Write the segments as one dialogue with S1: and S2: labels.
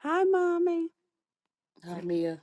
S1: Hi, mommy. Hi, Mia.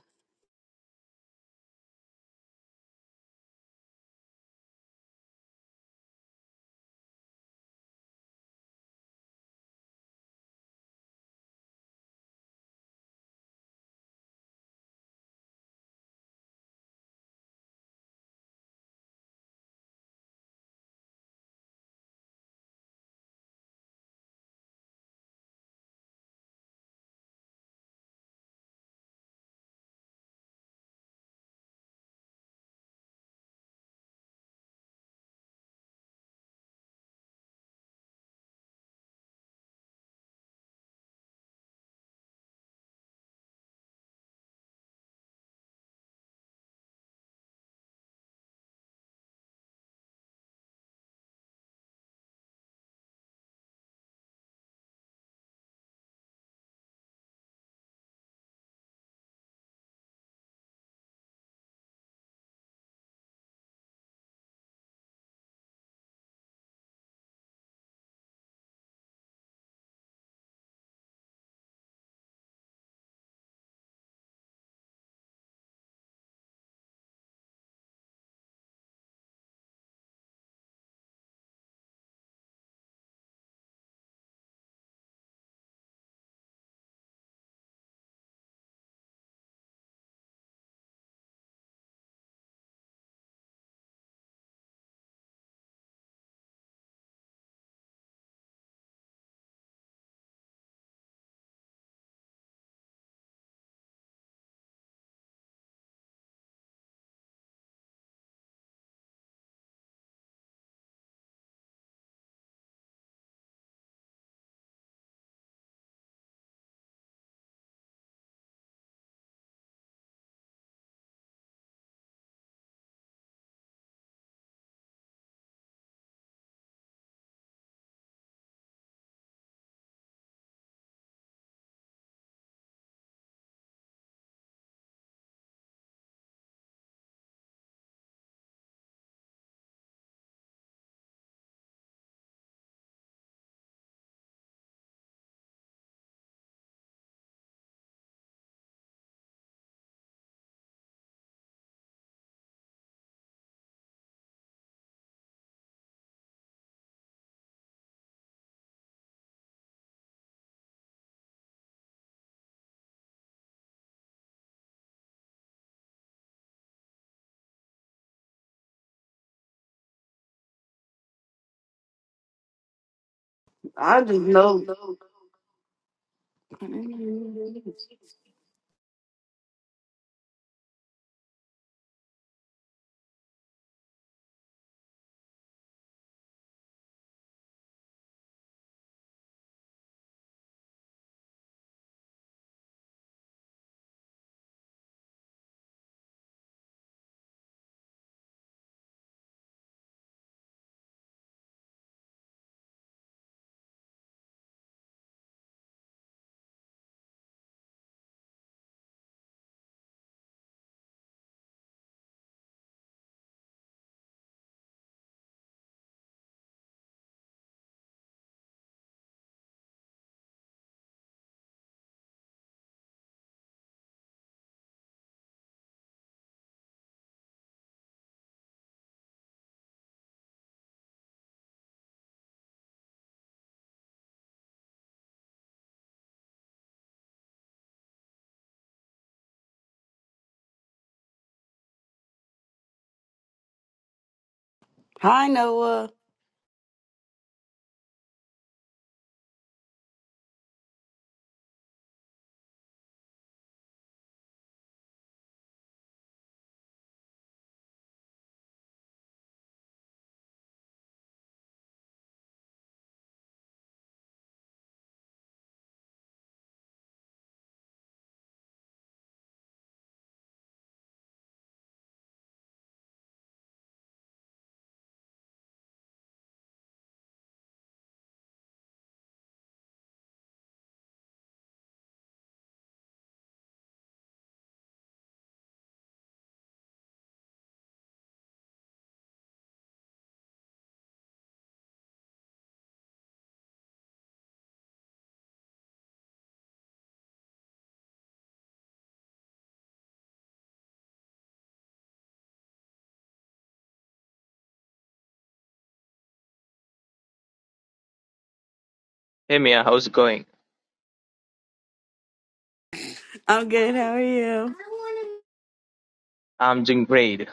S2: I just know.
S1: Hi, Noah.
S3: Hey Mia, how's it going?
S1: I'm good. How are you?
S3: I'm doing great.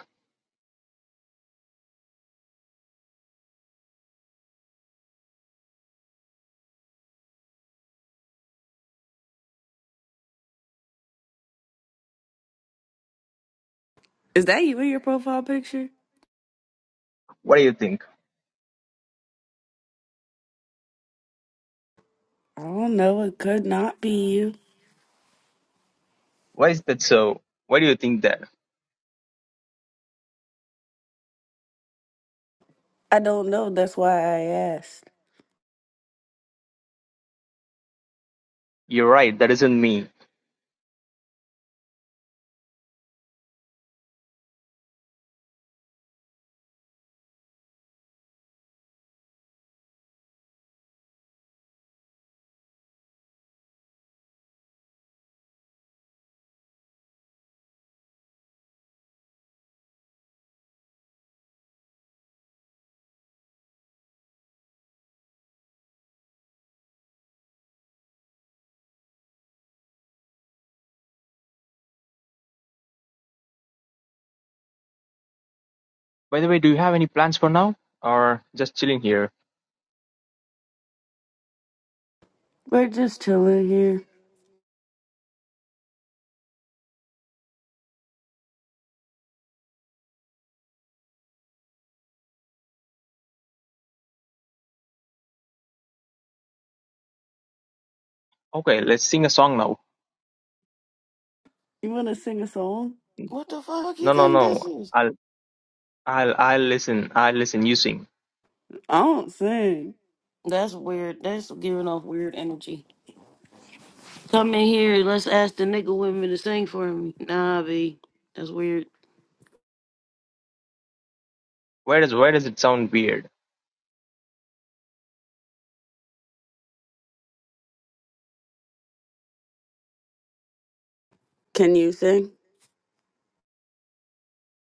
S1: Is that you in your profile picture?
S3: What do you think?
S1: I don't know. It could not be you.
S3: Why is that so? Why do you think that?
S1: I don't know. That's why I asked.
S3: You're right, that isn't me. By the way, do you have any plans for now? Or just chilling here?
S1: We're just chilling here.
S3: Okay, let's sing a song now.
S1: You want to sing a song? What the fuck you
S3: No no
S1: think this
S3: no.
S1: is?
S3: I'll I'll I'll listen. I'll listen, you sing.
S1: I don't sing. That's weird. That's giving off weird energy. Come in here. Let's ask the nigga women to sing for me. Nah, B. That's weird.
S3: Where does where does it sound weird?
S1: Can you sing?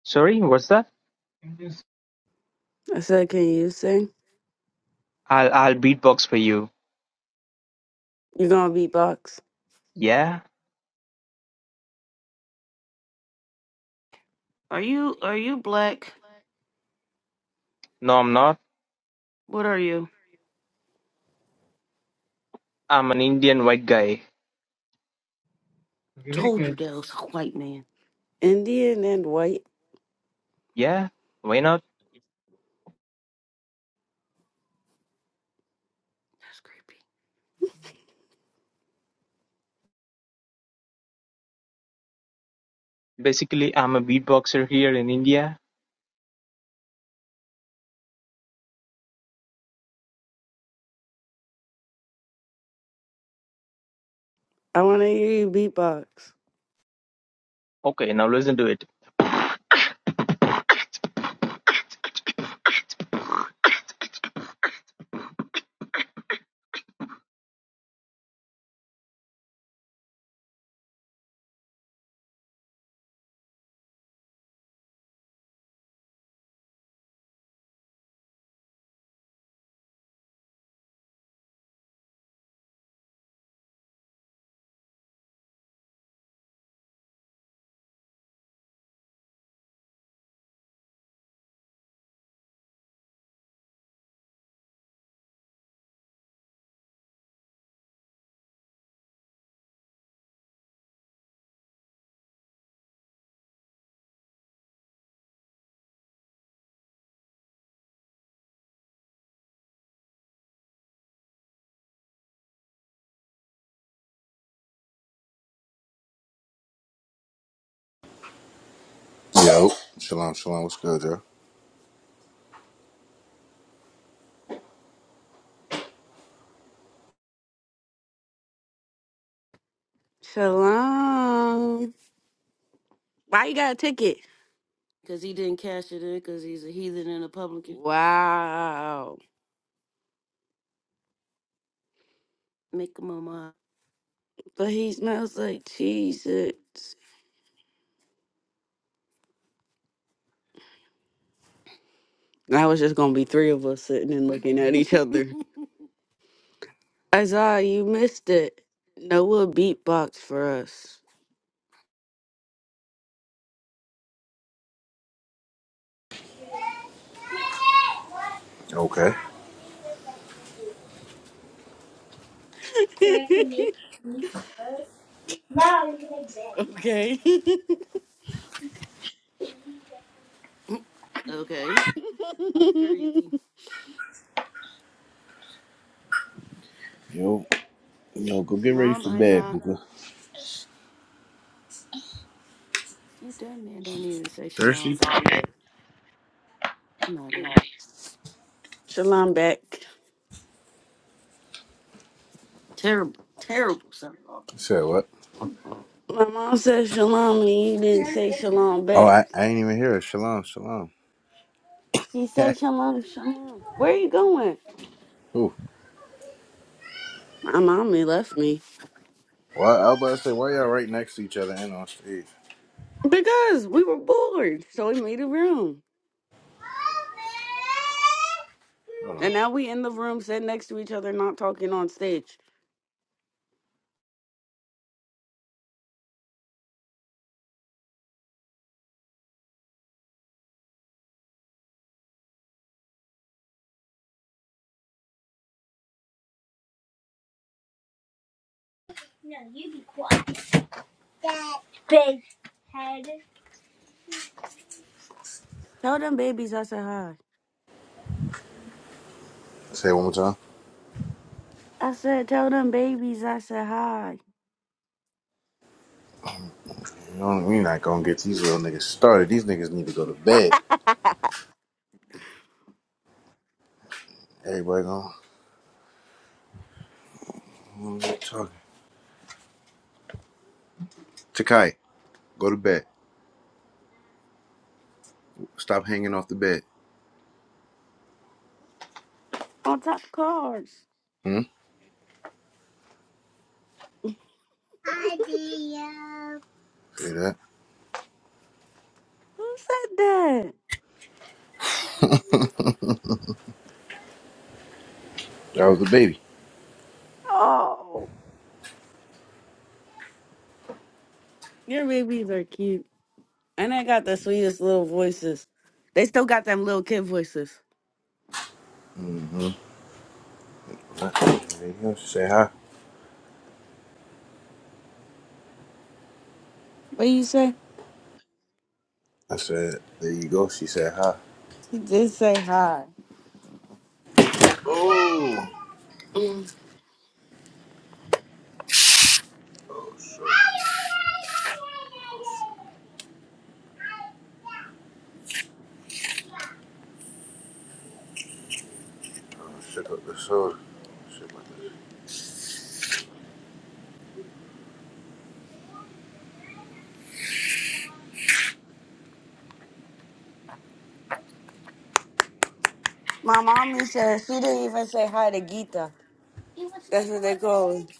S3: Sorry, what's that?
S1: I said, can you sing?
S3: I'll I'll beatbox for you.
S1: You gonna beatbox?
S3: Yeah?
S1: Are you are you black?
S3: No I'm not.
S1: What are you?
S3: I'm an Indian white guy.
S1: Told you that was a white man. Indian and white.
S3: Yeah? Why not?
S1: That's creepy.
S3: Basically I'm a beatboxer here in India.
S1: I want to hear you beatbox.
S3: Okay, now listen to it.
S4: Yo, shalom, shalom. What's good, yo?
S1: Shalom. Why you got a ticket? Cause he didn't cash it in because he's a heathen and a publican. Wow. Make him a mob. But he smells like cheese. It's- I was just going to be three of us sitting and looking at each other. Isaiah, you missed it. Noah beatbox for us.
S4: Okay. Yo,
S1: okay. Okay. Crazy.
S4: yo, go get ready for
S1: Shalom,
S4: bed,
S1: Isa.
S4: Booker.
S1: Think that man don't even say
S4: Thirsty?
S1: shalom
S4: You
S1: back. I'm out of here. Shalom back. Terrible, terrible son of
S4: said what?
S1: a- My mom said shalom and he didn't say shalom
S4: Oh,
S1: back.
S4: I, I ain't even hear it. Shalom, shalom.
S1: He said shalom, shalom. Where are you going?
S4: Ooh.
S1: My mommy left me.
S4: Well, I was about to say, why y'all right next to each other and on stage?
S1: Because we were bored. So we made a room.
S4: Hold on.
S1: And now we in the room sitting next to each other, not talking on stage. Tell them babies I said hi.
S4: Say it one more time.
S1: I said, tell them babies I said hi.
S4: You know, you're not gonna get these little niggas started. These niggas need to go to bed. Everybody gonna what are you talking. Takai, go to bed. Stop hanging off the bed.
S1: On top of cars.
S4: Hmm? Hi, Dio. See that?
S1: Who said that?
S4: That was the baby.
S1: Oh, your babies are cute. And they got the sweetest little voices. They still got them little kid voices.
S4: Mm-hmm. There you go. She said hi.
S1: What you say?
S4: I said, there you go. She said hi.
S1: She did say hi.
S4: Oh.
S1: Mm.
S4: oh shit. Oh, shook up the soda. Shook up the-
S1: My mommy said she didn't even say hi to Gita. That's what they call it.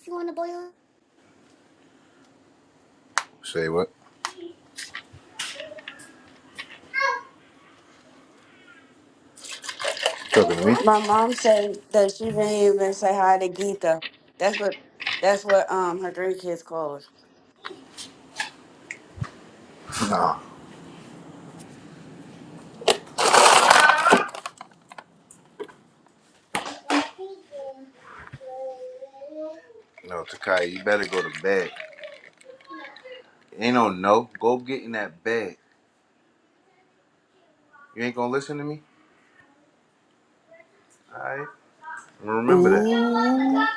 S4: Say what? talking to me?
S1: My mom said that she didn't even say hi to Gita. That's what that's what um her three kids call us.
S4: Nah. No, Takai, you better go to bed. Ain't no no. Go get in that bed. You ain't gonna listen to me? Alright. Remember that.
S2: Ooh,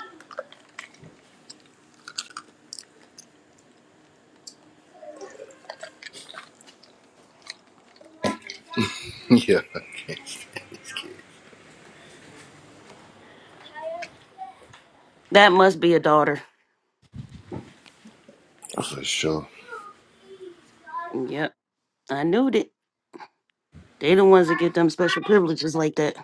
S4: yeah, okay.
S2: that must be a daughter.
S4: for sure.
S2: Yep, I knew it. They the ones that get them special privileges like that.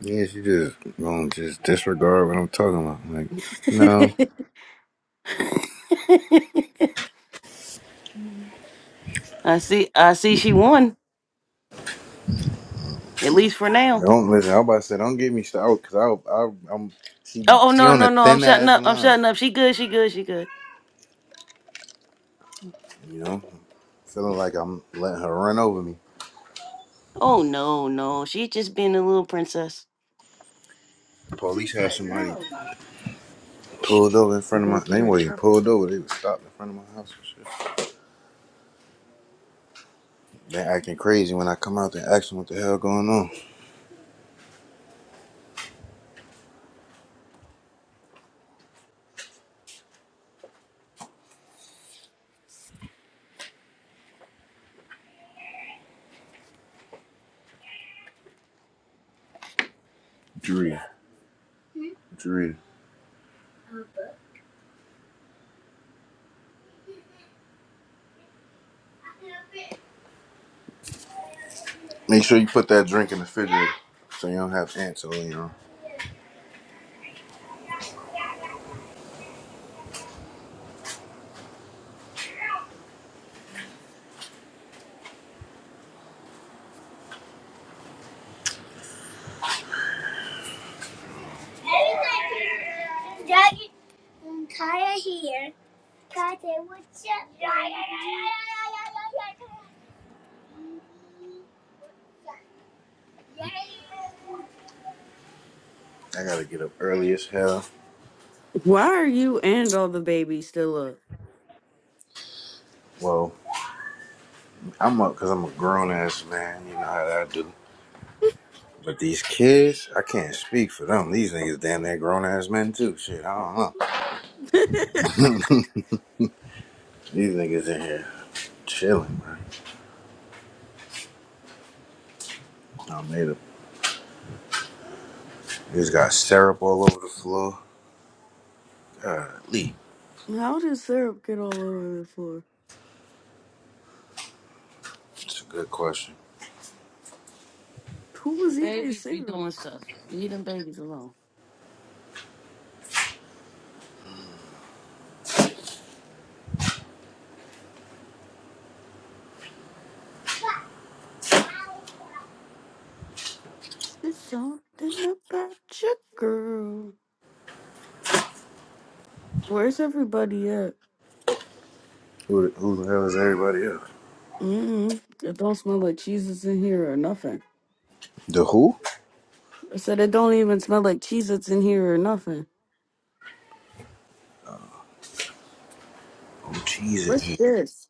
S4: Yes, you just gonna just disregard what I'm talking about. Like, no.
S2: I see. I see. She won at least for now.
S4: Don't listen. I am about to say, don't get me started because I, I, I'm she,
S2: Oh, oh
S4: she
S2: no,
S4: on a
S2: no, no! I'm
S4: thin
S2: shutting
S4: ass
S2: up. I'm
S4: line.
S2: shutting up. She good. She good. She good.
S4: You know, feeling like I'm letting her run over me.
S2: Oh no, no! She just being a little princess. She
S4: Police have
S2: said
S4: somebody.
S2: no. Shh,
S4: Pulled over in
S2: I'm
S4: front of my.
S2: gonna get
S4: They
S2: her in
S4: weren't even
S2: trouble.
S4: pulled over. They was stopped in front of my house and shit. They acting crazy when I come out. They asking what the hell going on. Drea, Drea. Make sure you put that drink in the refrigerator so you don't have ants all in your. Jackie and Kaya here. Kaya, what's up? I gotta get up early as hell.
S1: Why are you and all the babies still up?
S4: Well, I'm up because I'm a grown ass man. You know how that do. But these kids, I can't speak for them. These niggas damn near grown ass men too. Shit, I don't know. These niggas in here chilling, bro. I made them. Niggas got syrup all over the floor. Uh, Lee,
S1: How did syrup get all over the floor?
S4: it's a good question.
S1: Who was in there Babies be singing? doing stuff. And babies alone. There's something about your girl. Where's everybody at?
S4: Who, the- who the hell is everybody else?
S1: Mm-hmm. It don't smell like cheeses in here or nothing.
S4: The who?
S1: I said it don't even smell like cheeses in here or nothing.
S4: Oh Jesus!
S1: What's this?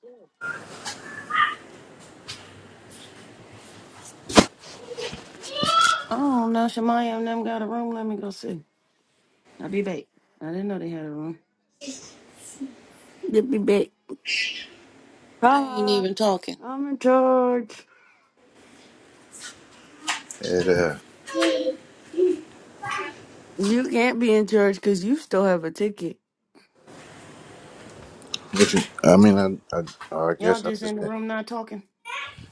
S1: Oh no, Shamaya and them got a room. Let me go see. I'll be back. I didn't know they had a room. Yippee bit. I ain't Hi, even talking. I'm in charge.
S4: It uh,
S1: You can't be in charge because you still have a ticket.
S4: what you, I mean, I, I, I
S1: Y'all
S4: guess I
S1: just
S4: just
S1: in the
S4: didn't.
S1: room not talking.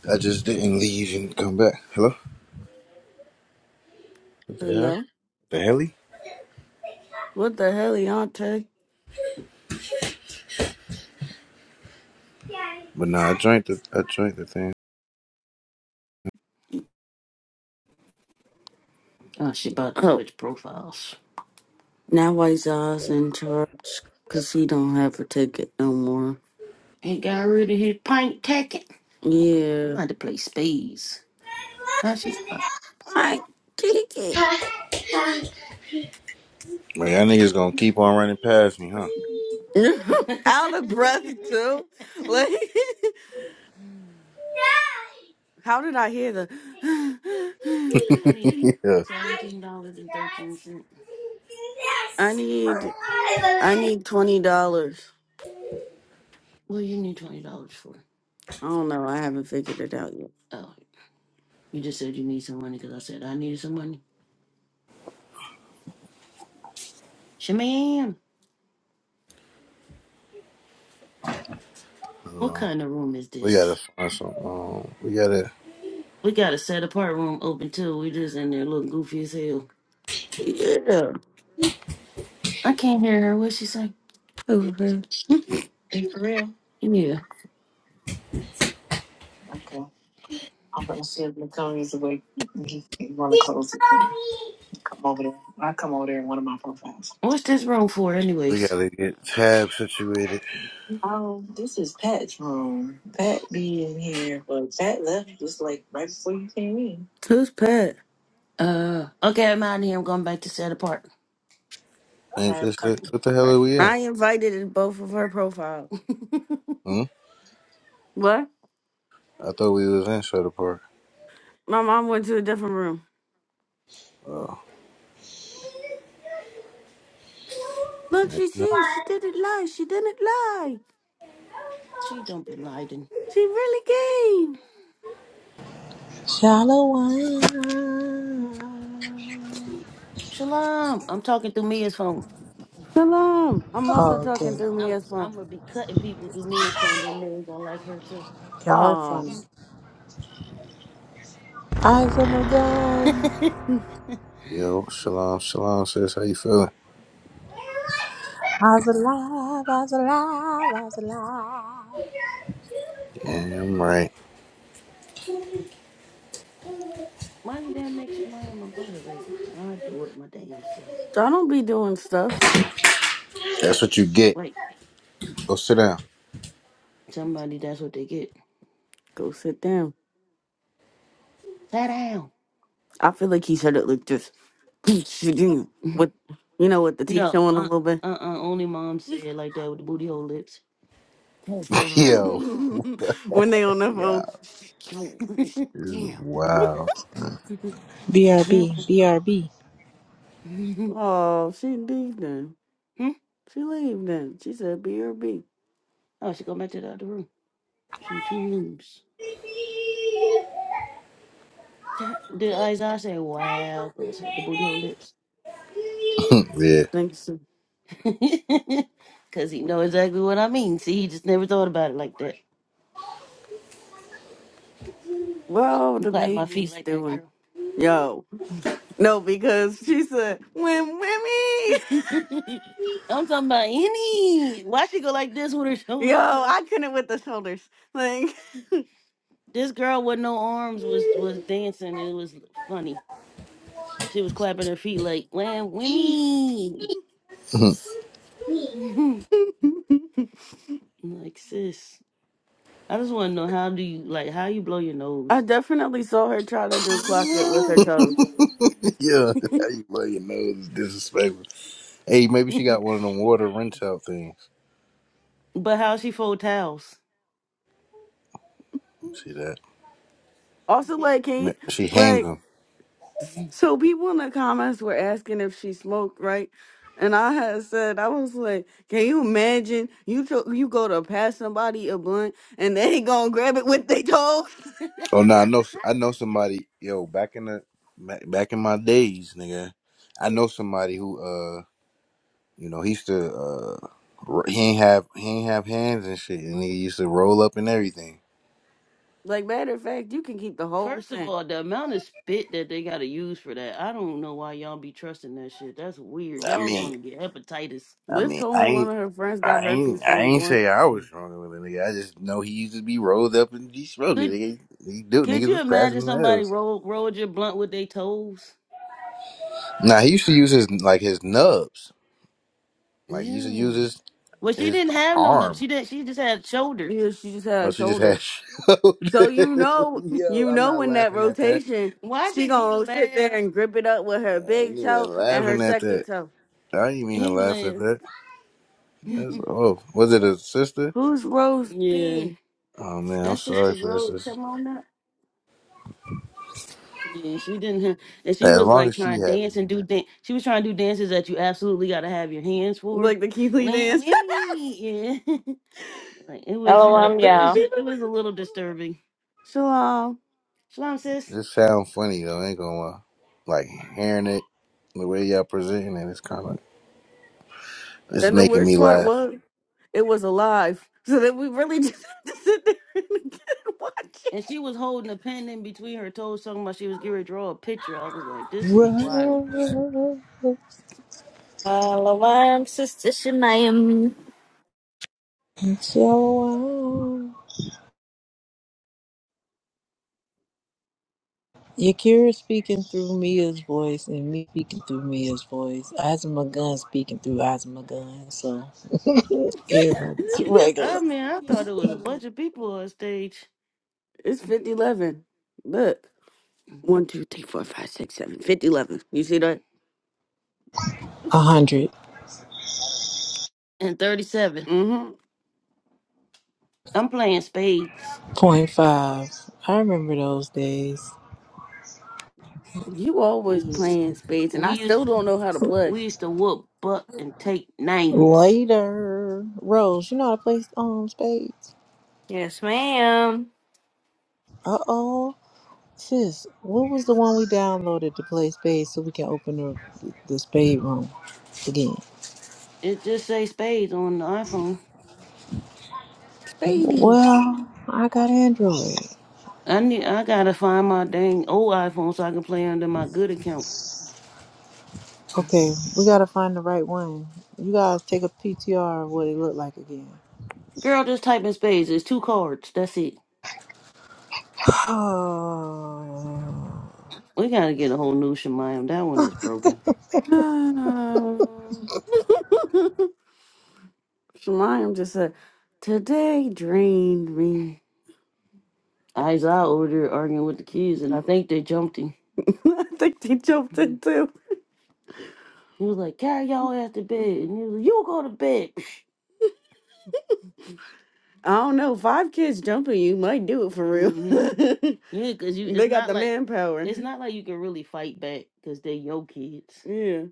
S4: I just didn't leave and come back. Hello? What the hell?
S1: Hello?
S4: The heli?
S1: What the hell, Deontay?
S4: But nah, I drank the, I drank the thing.
S1: Oh, she about to Oh, switch profiles. now White Eyes in charge because he don't have a ticket no more. He got rid of his pint ticket. Yeah. I had to play spades. How she? I kick
S4: Man, y'all niggas gonna keep on running past me, huh?
S1: Out of breath too. Like, how did I hear the?
S4: yeah.
S1: I need
S4: Uh,
S1: seventeen dollars and thirteen cents. I need I need twenty dollars. What do you need twenty dollars for? I don't know. I haven't figured it out yet. Oh, you just said you need some money because I said I needed some money. Shaman, what kind of room is
S4: we gotta
S1: this?
S4: find some. Um, we gotta.
S1: We got a set apart room open too. We just in there looking goofy as hell. Yeah. I can't hear her. What she say? Who, Hey, for real? Yeah. Okay. I'm gonna see if Natalia's awake. You want to close it? Come over there. I come over there in one of my profiles. What's this room for,
S4: We
S1: anyways?
S4: gotta get tab situated.
S1: Oh, this is Pat's room. Pat be in here, but Pat left just like right before you came in. Who's Pat? Uh, okay, I'm out of here. I'm going back to set apart.
S4: Ain't
S1: I'm
S4: this it?
S1: coming.
S4: What the hell
S1: Right.
S4: are we in?
S1: I invited in both of her profile.
S4: Hmm?
S1: What?
S4: I thought we was in Shutter Park.
S1: My mom went to a different room.
S4: Oh.
S1: Look, she's here. She didn't lie. She didn't lie. She don't be lying. She really came.
S5: Shalom.
S1: Shalom. I'm talking through Mia's phone. Shalom. I'm
S5: Oh,
S1: also
S5: okay.
S1: talking through I'm Mia's phone. I'm gonna be cutting people through Mia's phone. Then they're gonna like her too.
S5: Y'all are funny.
S1: Oh,
S5: Isa
S1: Mind
S5: Morgan.
S1: you,
S4: Yo, shalom, shalom, sis. How you feeling?
S5: I was alive. I was alive. I was alive.
S4: Yeah, I'm right.
S1: damn make sure I am a moderator. I do it my damn self. I don't be doing stuff.
S4: That's what you get.
S1: Wait,
S4: Go sit down.
S1: somebody that's what they get. Go sit down. Sit down. I feel like he said it like this. Please Sit down. With, you know, with the teeth no, showing a uh, little bit. uh, uh, only mom said it like that with the booty hole lips.
S4: Yo,
S1: when they on their
S4: yeah,
S1: phone. Yo, Sit
S4: this is
S1: down.
S4: wild. son.
S5: BRB. BRB.
S1: oh, she leave then. Hmm? She leave then. She said B or B. Oh, she go back to the other room. She in two rooms. Ta- Did Isaiah say, wow, Those had the booty hole lips.
S4: yeah. yeah,
S1: Thanks. so. Cause he know exactly what I mean. See, he just never thought about it like that. Well, You the clap my feet baby's like that, doing. girl. Yo, no, because she said, when Wimmy. I'm talking about any. Why she go like this with her Yo, shoulders up? I couldn't with the shoulders. Like. This girl with no arms was was dancing. and It was funny. She was clapping her feet like, "Wham, whammy!" like sis, I just want to know how do you like how you blow your I nose? definitely saw her try to do clock it with her toes.
S4: how you blow your nose is disrespectful. Hey, maybe she got one of them water rinse out things.
S1: but how she fold towels?
S4: See that?
S1: Also, like, can
S4: Ma-
S1: you,
S4: She hangs
S1: like,
S4: them.
S1: So people in the comments were asking if she smoked, right? And I had said, I was like, can you imagine you tr- you go to pass somebody a blunt and they gonna grab it with they toe?
S4: Oh no, I know. I know somebody. Yo, back in the ma- back in my days, nigga, I know somebody who uh, you know, he used to uh, r- he ain't have he ain't have hands and shit, and he used to roll up and everything.
S1: Like matter of fact, you can keep the whole First of thing. all, the amount of spit that they gotta use for that, I don't know why y'all be trusting that shit. That's weird.
S4: I
S1: Y'all
S4: mean,
S1: gonna get hepatitis.
S4: I
S1: Liv
S4: mean,
S1: told
S4: I
S1: me one of
S4: ain't.
S1: her friends
S4: I
S1: got herpes
S4: ain't, I
S1: from a
S4: ain't
S1: blunt.
S4: say I was stronger with a nigga. I just know he used to be rolled up and be smoking.
S1: Could
S4: Nigga, he do
S1: could
S4: niggas
S1: you
S4: was
S1: imagine
S4: passing them
S1: somebody
S4: L's.
S1: roll rolled your blunt with their toes?
S4: Nah, he used to use his like his nubs. Like he used to use
S1: Ew.
S4: his
S1: Well, she
S4: his
S1: didn't have no. nu-
S4: arm.
S1: She didn't. She just had shoulders. Yeah, she just
S4: Or
S1: had
S4: she just had
S1: shoulders.
S4: showed.
S1: So you know,
S4: Yo,
S1: you
S4: I'm
S1: know,
S4: not
S1: in that
S4: laughing at that.
S1: rotation, Why she did he gonna sit there laugh? and grip it up with her
S4: I ain't
S1: big
S4: even
S1: toe and her
S4: laughing at
S1: second
S4: that.
S1: toe.
S4: I didn't mean to
S1: He
S4: laugh at
S1: laughed.
S4: that. That's oh, was it a sister?
S1: Who's Rose Yeah, B?
S4: Oh man, I'm
S1: that sister
S4: sorry for this.
S1: Rose,
S4: sister.
S1: come on up. Yeah, she didn't have, and she
S4: As
S1: was
S4: long
S1: like
S4: as she
S1: trying to dance
S4: happy,
S1: and do dance. She was trying to do dances that you absolutely got to have your hands for. Like the Keeley Like, dance. yeah. Like it was, uh,
S6: Shalom,
S1: it was,
S6: y'all.
S1: ju- it was a little disturbing. Shalom, shalom, sis.
S4: this sound funny though. I ain't gonna lie. like hearing it the way y'all presenting it. It's kind of it's
S1: And the
S4: making
S1: worst
S4: me
S1: part
S4: laugh.
S1: was it was alive. So that we really just had to sit there and watch it. And she was holding a pen in between her toes, talking about she was getting ready to draw a picture. I was like, this is
S5: Run.
S1: wild.
S6: Shalom, Sister Shemayim.
S5: Shalom. Yakira speaking through Mia's voice and me speaking through Mia's voice. Eyes on my gun speaking through eyes on my gun. So everybody's
S1: I, could, I
S5: regular.
S1: mean, I thought it was a bunch of people on stage. It's 5011. Look. One, two, three, four, five, six, seven. 5011. You see that?
S5: A hundred.
S1: And 37. Mm-hmm. I'm playing spades.
S5: Point five. I remember those days.
S1: You always Yeah. playing spades, and I We used still don't know how to play. we used to whoop butt and take names.
S5: Later, Rose. You know how to play um spades.
S6: Yes, ma'am.
S5: Uh oh, sis. What was the one we downloaded to play spades so we can open the the spade room again?
S1: It just say spades on the iPhone. Spadies.
S5: Well, I got Android.
S1: I need I gotta find my dang old iPhone so I can play under my good account.
S5: Okay, we gotta find the right one. You guys take a PTR of what it looked like again.
S1: Girl, just type in spades. It's two cards. That's it.
S5: Oh,
S1: We gotta get a whole new Shemayam. That one is broken. Um, Shemayam just said, "Today drained me." Isaiah over there arguing with the kids, and I think they jumped him. I think they jumped in too. He was like, "Carry y'all ass to bed," and he was like, "You go to bed." I don't know. Five kids jumping you might do it for real. hmm Yeah, cause you, it's they got not the like, manpower. it's not like you can really fight back, cause they your kids. Yeah.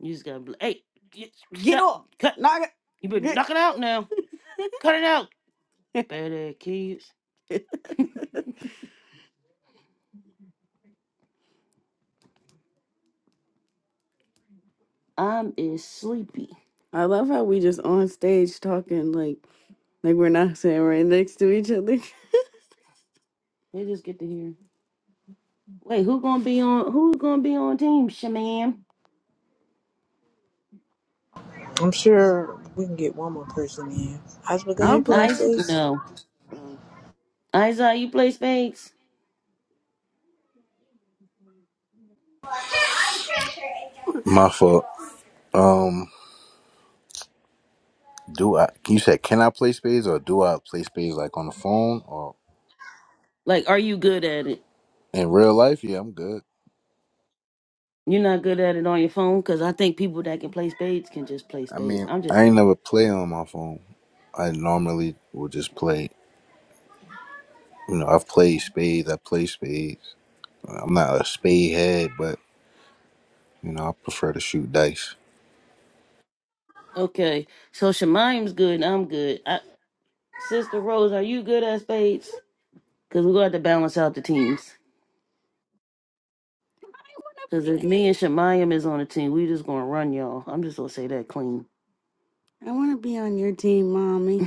S1: You just gotta be like, "Hey, get, Get stop, off. cut! Knock You better it. knock it out now. Cut it out, bad ass kids." Get. I'm is sleepy. I love how we just on stage talking like like we're not sitting right next to each other. They just get to hear. Wait, who gonna be on? Who gonna be on team, Shaman?
S5: I'm sure we can get one more person in. Husband, gun, you
S1: I'll
S5: playing
S1: Ice? play.
S5: spades?
S1: No, Oh, Isaiah, you play spades?
S4: My fault. Um. Do I? You said, can I play spades or do I play spades like on the phone or
S1: Like, are you good at it?
S4: in real life? Yeah, I'm good.
S1: You're not good at it on your phone, cause I think people that can play spades can just play
S4: I
S1: spades.
S4: mean,
S1: I'm just
S4: I ain't
S1: saying.
S4: never play on my phone. I normally will just play. You know, I've played spades. I play spades. I'm not a spade head, but you know, I prefer to shoot dice.
S1: Okay, so Shemayim's good. and I'm good. I, Sister Rose, are you good at spades? Cause we gonna have to balance out the teams. Because if me and Shemayam is on the team, we just gonna run y'all. I'm just gonna say that clean. I want to be on your team, mommy.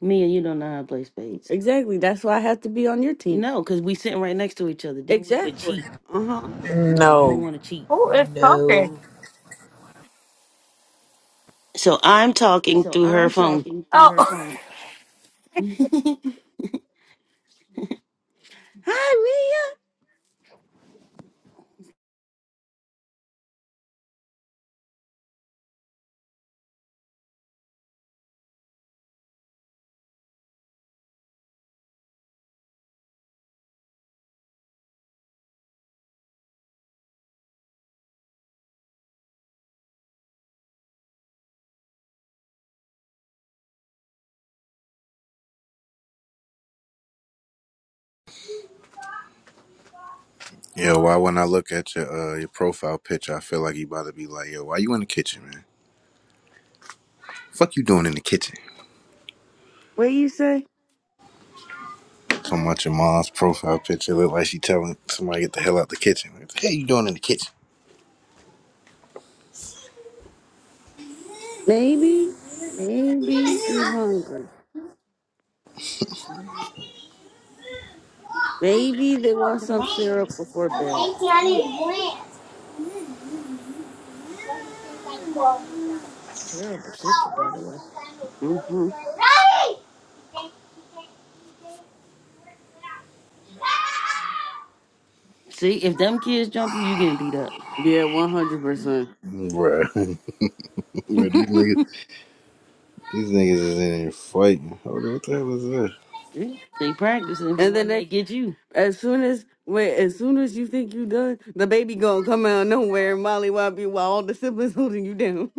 S1: me and you don't know how to play spades. Exactly. That's why I have to be on your team. No, because we sitting right next to each other. Then we would Exactly. cheat. Uh huh. No, I don't
S5: No.
S1: want to cheat.
S6: Who is talking?
S5: No.
S2: So I'm talking
S1: So
S2: through her
S1: I'm
S2: phone.
S1: talking through her
S6: Oh,
S1: phone. Hi, Mia.
S4: Yeah, why when I look at your uh, your profile picture, I feel like you about to be like, yo, why you in the kitchen, man? Fuck you doing in the kitchen?
S1: What you say?
S4: So much your mom's profile picture look like she telling somebody get the hell out the kitchen. What the hell you doing in the kitchen?
S1: Maybe, maybe she's hungry. Maybe they want some Shemayam, syrup you before bed. not? Terrible sister, by the way. hmm See, if them kids jump you, you getting beat up. Yeah, one hundred percent.
S4: Right. Where these niggas These niggas is in here fighting. Hold on, what the hell is this?
S1: See? they practicing for And then when they, they get you. as soon as wait, as soon as you think you done, the baby gonna come out of nowhere and molly you while all the siblings holding you down.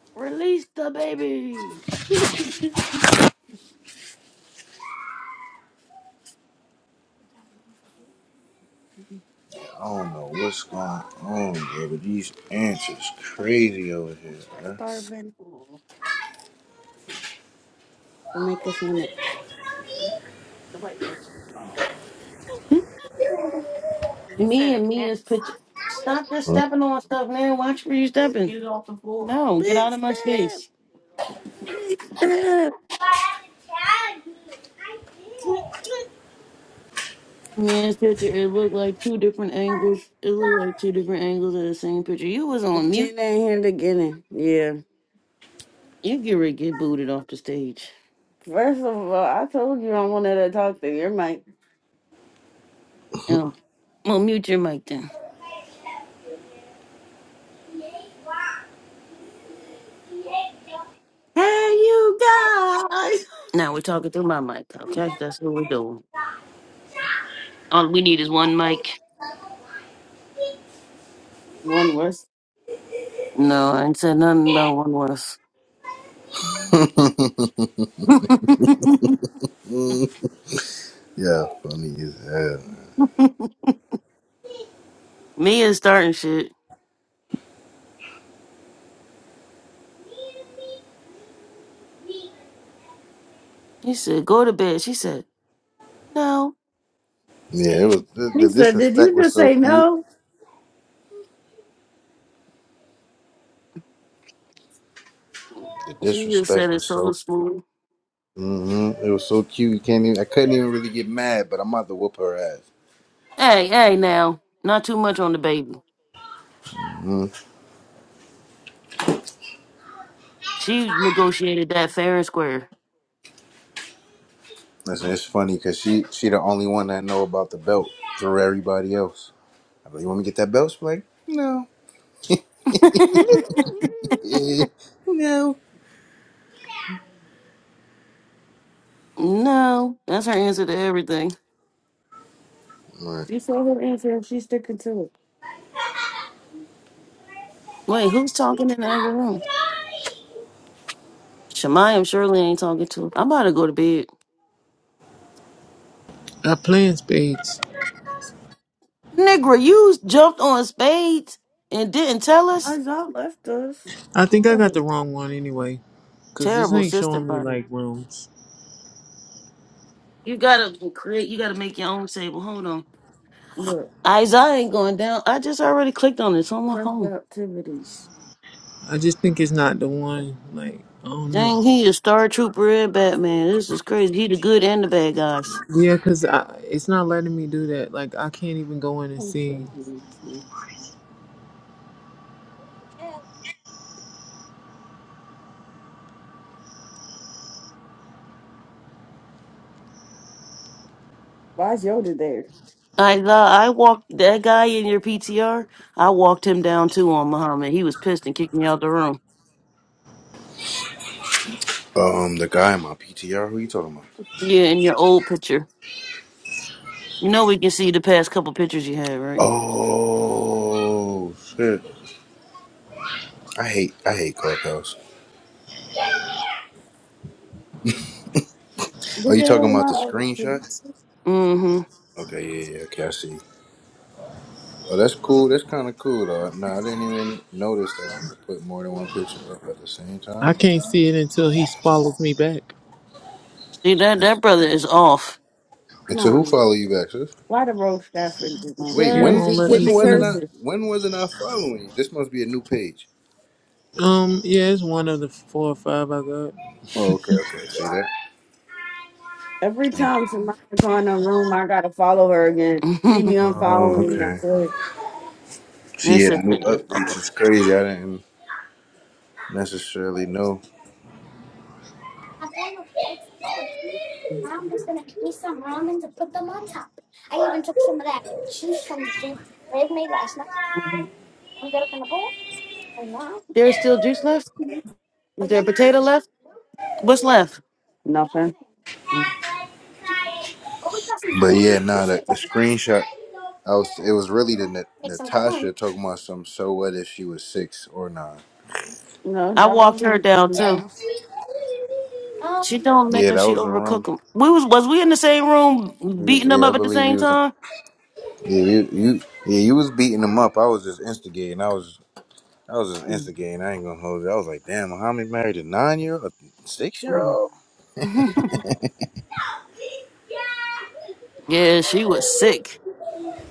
S1: Release the baby.
S4: I don't know what's going on, bro, but these ants is
S1: Starving.
S4: crazy over here, bro.
S1: Starving. Don't make a sandwich. Nobody asked you. Oh.
S6: did you
S1: Me
S6: say
S1: and
S6: the
S1: Mia's
S6: ants?
S1: picture. Stop just stepping on stuff, man. Watch where you stepping. You don't- No, get Big out of my step. space. Man, this picture, it looked like two different angles. It looked like two different angles of the same picture. You was on mute. Jen ain't here to get in. Yeah. You get ready to get booted off the stage. First of all, I told you I wanted to talk to your mic. Oh, well, mute your mic then.
S2: Hey, you guys. Now we're talking through my mic, okay? That's what we're doing.
S4: Huh?
S2: All we need is one mic. One was No, I ain't said nothing about one worse.
S4: Mm. Yeah, funny as hell.
S2: Mia's starting shit. He said, go to bed. She said, no.
S4: Yeah, it was the,
S2: He
S4: the
S2: said, Did
S4: disrespect
S2: you
S4: was
S2: just
S4: so
S2: say
S4: cute.
S2: no?
S4: The
S2: She just said
S4: disrespect
S2: it
S4: was
S2: so
S4: so.
S2: smooth.
S4: hmm It was so cute. You can't even. I couldn't even really get mad, but I'm about to whoop her ass.
S2: Hey, hey, now. Not too much on the baby.
S4: Mm.
S2: She negotiated that fair and square.
S4: Listen, it's funny because she she the only one that know about the belt for everybody else. I like, you want me to get that belt? She's like, no, Eh, no.
S2: no, that's her answer to everything.
S4: Right.
S2: She saw her answer and she's sticking to it. Wait, who's talking in the other room? Shemayam surely ain't talking to. her. I'm about to go to bed.
S5: I plans spades.
S2: Nigga, you jumped on spades and didn't tell us. I y'all left us.
S5: I think I got
S2: Oh,
S5: the wrong one anyway, cause this
S2: terrible
S5: ain't
S2: sister,
S5: showing me
S2: buddy.
S5: like rooms.
S2: You gotta create. You gotta make your own table. Hold on. Look, Isaiah ain't going down. I just already clicked on this on my friendly phone. activities.
S5: I just think it's not the one. Like I don't know.
S2: Dang, he a star trooper and Batman. This is crazy. He the good and the bad guys.
S5: Yeah, cause I, it's not letting me do that. Like I can't even go in and
S2: I'm
S5: see.
S2: so good. Why is Yoda there? I uh, I walked that guy in your PTR. I walked him down too on Muhammad. He was pissed and kicked me out the room.
S4: Um, the guy in my PTR, who you talking about?
S2: Yeah, in your old picture. You know we can see the past couple pictures you had, right?
S4: Oh shit! I hate I hate Clubhouse. Are
S2: Look
S4: you
S2: at
S4: talking
S2: all
S4: about
S2: my
S4: the
S2: other
S4: screenshot?
S2: students. Mm-hmm.
S4: Okay, yeah, yeah, okay, I see. Oh, that's cool. That's kind of cool, though. Nah, I didn't even notice that I could put more than one picture up at the same time.
S5: I can't see it until he follows me back.
S2: See that that brother is off.
S4: And so, who
S2: Nah,
S4: follow you back, sis?
S2: why the road Stafford is on?
S4: Wait,
S5: It
S4: when
S2: Yes, he
S5: won't let
S2: get
S5: me
S4: when
S2: the
S4: wasn't
S5: see.
S4: I
S2: curses.
S4: when wasn't I following you? This must be a new page.
S5: Um, yeah, it's one of the four or five I got.
S4: Oh, okay, okay. See that?
S2: Every
S4: Dang it.
S2: time somebody go in the room, I gotta follow her again. She be That
S4: Oh,
S2: unfollowing me. I
S4: okay.
S2: swear.
S4: She
S2: this
S4: had new
S2: sister is
S4: updates.
S2: off.
S4: It's crazy. I didn't necessarily know.
S2: Mhm. There's still juice left? Is there potato left? What's left? No.
S4: But yeah, nah, the, the screenshot. I was. It was really the Nat- Natasha talking about some. So what if she was six or nine?
S2: No, I not walked her it. down too. Mhm. She don't make
S4: Yeah,
S2: them.
S4: that
S2: She
S4: was a room.
S2: overcook them. We was was we in the same room beating them
S4: Yeah, I
S2: up at the
S4: believe he
S2: same
S4: was.
S2: time?
S4: Yeah, you, you, yeah, you was beating him up. I was just instigating. I was, I was just instigating. I ain't gonna hold you. I was like, damn, Muhammad married a nine year, old a six year
S2: Mhm.
S4: old.
S2: yeah, she was sick.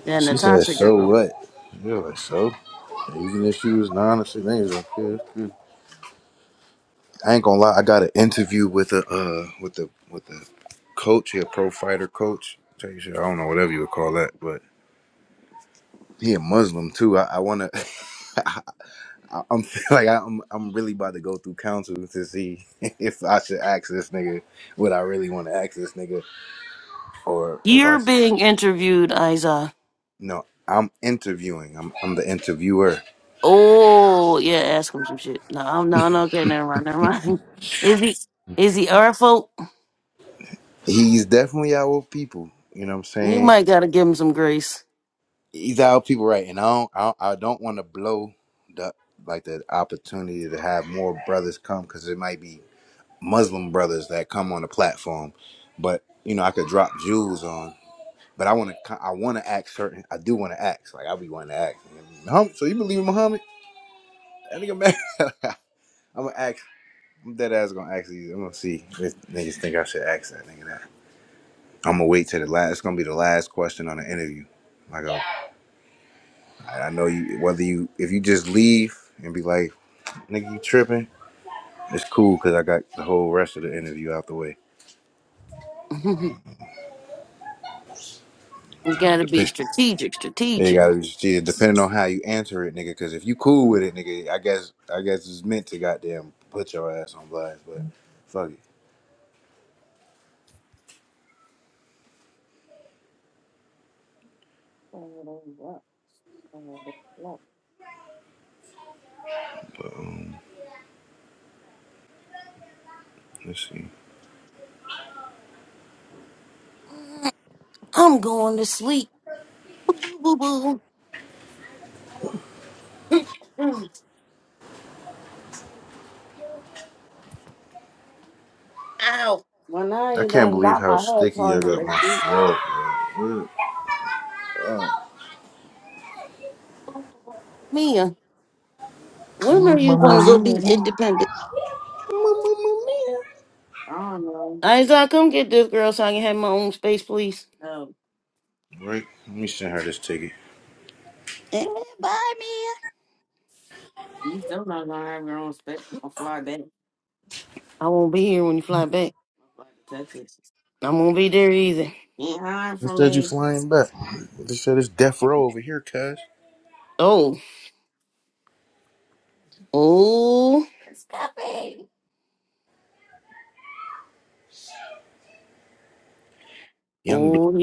S2: That
S4: She said,
S2: Natasha
S4: so
S2: girl.
S4: what? You're like, so. Even if she was nine or six, I ain't gonna care. I ain't gonna lie. I got an interview with a, uh, with the, with the coach. He a pro fighter coach. Tell you shit, I don't know whatever you would call that, but he a Muslim too. I, I wanna. I- I'm like I'm I'm really about to go through counsel to see if I should ask this nigga what I really want to ask this nigga or if I
S2: You're
S4: sh-
S2: being interviewed, Isa.
S4: no I'm interviewing I'm I'm the interviewer
S2: Oh yeah, ask him some shit. No, I'm no, no. Okay, never mind, never mind. Is he is he our fault?
S4: he's definitely our people you know what I'm
S2: You
S4: saying
S2: might gotta give him some grace.
S4: he's our people right and I don't I, I don't want to blow the like the opportunity to have more brothers come because it might be Muslim brothers that come on the platform but you know I could drop jewels on But I want to. I want to act certain. I do want to act. Like I be wanting to act. Muhammad, so you believe in Muhammad? That nigga mad. I'm gonna ask. I'm dead ass gonna ask these. I'm gonna see if niggas think I should ask that nigga that. I'm gonna wait till the last. It's gonna be the last question on the interview. I go. I I know you. Whether you, if you just leave and be like, nigga, you tripping? It's cool because I got the whole rest of the interview out the way.
S2: you
S4: Uh,
S2: gotta be
S4: depend,
S2: strategic,
S4: Yeah, You
S2: strategic.
S4: gotta, just- yeah, depending on how you answer it, nigga. Because if you cool with it, nigga, I guess, I guess it's meant to goddamn put your ass on blast. But fuck it. But, um, let's see.
S2: I'm going to sleep. Boo, boo, boo, boo. Ow. Well, now
S4: I
S2: you
S4: can't
S2: done
S4: believe
S2: got
S4: how
S2: my head
S4: sticky I
S2: caught in
S4: got
S2: the
S4: my
S2: you.
S4: throat. bro. What?
S2: Mia,
S4: Oh.
S2: when are you going to go be
S4: Mamma mia.
S2: independent? I don't know. Isaac, come get this girl so I can have my own space, please. No.
S4: Right? Let me send her this ticket.
S2: Eh, bye, Mia. You still not going to have your own space. I'll fly back. I won't be here when you fly back. i am going to Texas. I won't be there either. You ain't hiring for
S4: Instead, you
S2: me.
S4: flying back. Instead, it's death row over here, cuz.
S2: Oh. Oh.
S4: Young Black,
S2: Oh,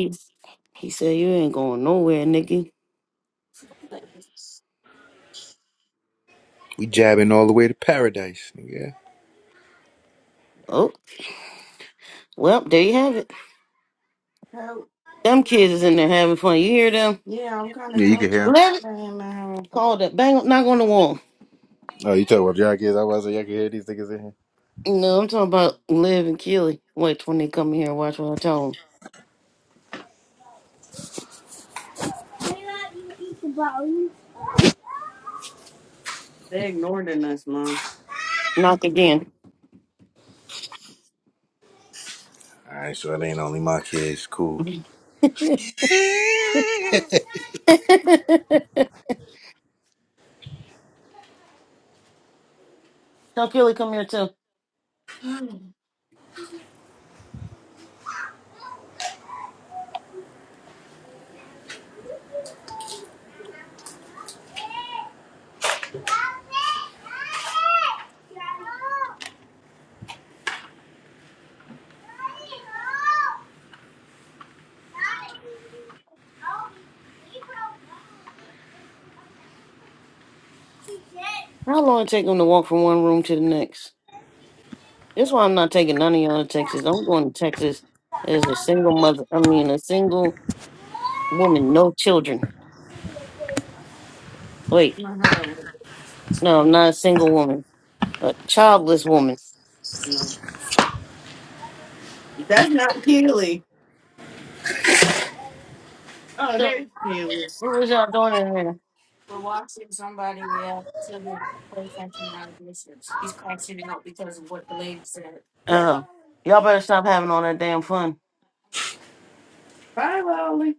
S2: He said, You ain't going nowhere, nigga.
S4: we jabbing all the way to paradise, nigga.
S2: Oh, well, there you have it. Oh. Them kids is in there having fun. You hear them? Yeah, I'm kind of
S4: Yeah, you can
S2: joking.
S4: hear him.
S2: Live it. Damn, I- Call that. Bang, knock on the wall.
S4: Oh, you talking about y'all kids? I was like, y'all can hear these niggas in
S2: No, I'm talking about Liv and Keely. Wait when they come in here watch what I tell them.
S4: here.
S2: They ignored us, Mom. Knock again.
S4: Alright, so it ain't only my kids. Cool.
S2: tell Keely come here, too. How long it take them to walk from one room to the next? That's why I'm not taking none of y'all to Texas. I'm going to Texas as a single mother. I mean, a single woman, no children. Wait, no, I'm not a single woman, a childless woman. That's not Keely. Oh, So, there's Keely. what was y'all doing in there? Uh, y'all better stop having all that damn fun. Bye, Lolly.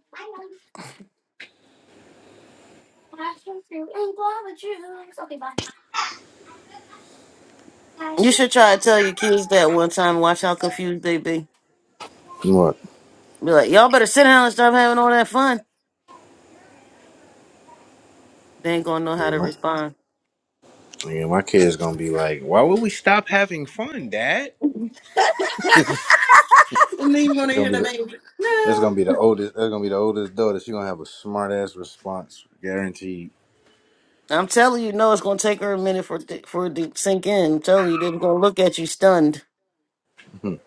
S2: You should try to tell your kids that one time. Watch how confused they be.
S4: What?
S2: Be like, y'all better sit down and stop having all that fun. They ain't gonna know how
S4: Nigga,
S2: to
S4: my,
S2: respond.
S4: nigga, my kid's gonna be like, why would we stop having fun, Dad? it's
S2: You gonna
S4: gonna
S2: hear
S4: be the that's gonna be the oldest that's gonna be the oldest daughter. She gonna have a smart ass response, guaranteed.
S2: I'm telling you, no, it's gonna take her a minute for it to- for it to sink in. I'm telling you, they're gonna look at you stunned.
S4: hey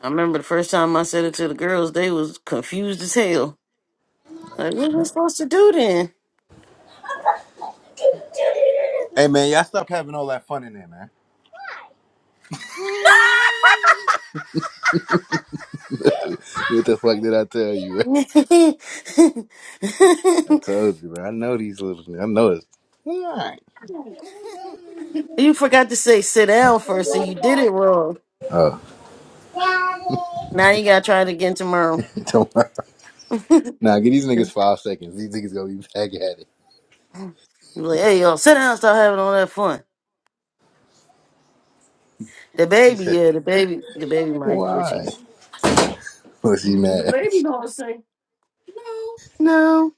S2: I remember the first time I said it to the girls, they was confused as hell. Like, what we supposed to do then?
S4: man, y'all stop having all that fun in there, man. what the fuck did I tell you? man? I told you, man. I know these little I know this. Alright.
S2: you forgot to say sit down first, so you did it wrong.
S4: Oh.
S2: Now you gotta try it again tomorrow.
S4: Don't worry. Nah, give these
S2: you
S4: niggas five seconds. These niggas gonna be back at it.
S2: like, hey yo, sit down, start having all that fun. The
S4: She
S2: baby,
S4: said,
S2: yeah, the baby, the baby might get you.
S4: Why? Well, she
S2: The
S4: mad.
S2: baby do to say no.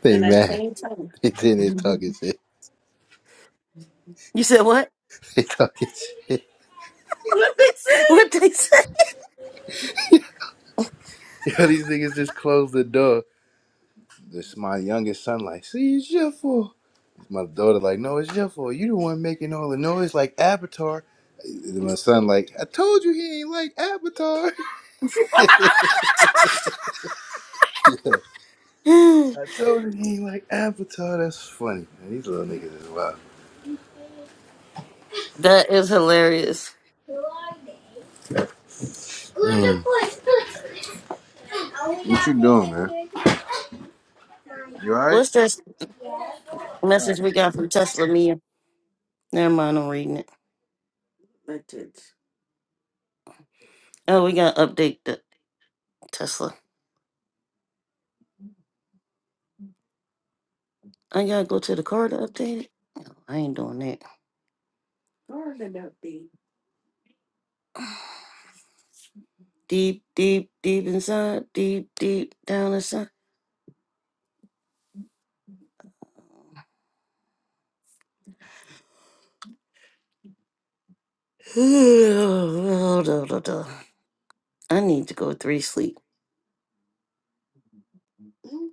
S4: They
S2: And that
S4: mad.
S2: same time,
S4: They sitting there talking shit.
S2: you said what?
S4: They talking shit.
S2: What they said? What they said?
S4: Yo, these niggas just closed the door. This my youngest son, like, see, it's your fault. My daughter, like, no, it's your fault. You the one making all the noise, like Avatar. And my son, like, I told you he ain't like Avatar. yeah, I told you he ain't like Avatar. That's funny. Man, these little niggas is wild.
S2: That is hilarious.
S4: Mm. What you doing, man? You alright?
S2: What's this
S4: Alright.
S2: message we got from Tesla Mia? Never mind, I'm reading it. That's it. Oh, we gotta update the Tesla. I gotta go to the car to update it. I ain't doing that. Car to update. Deep, deep, deep inside, deep, deep down inside. I need to go three sleep. Mm,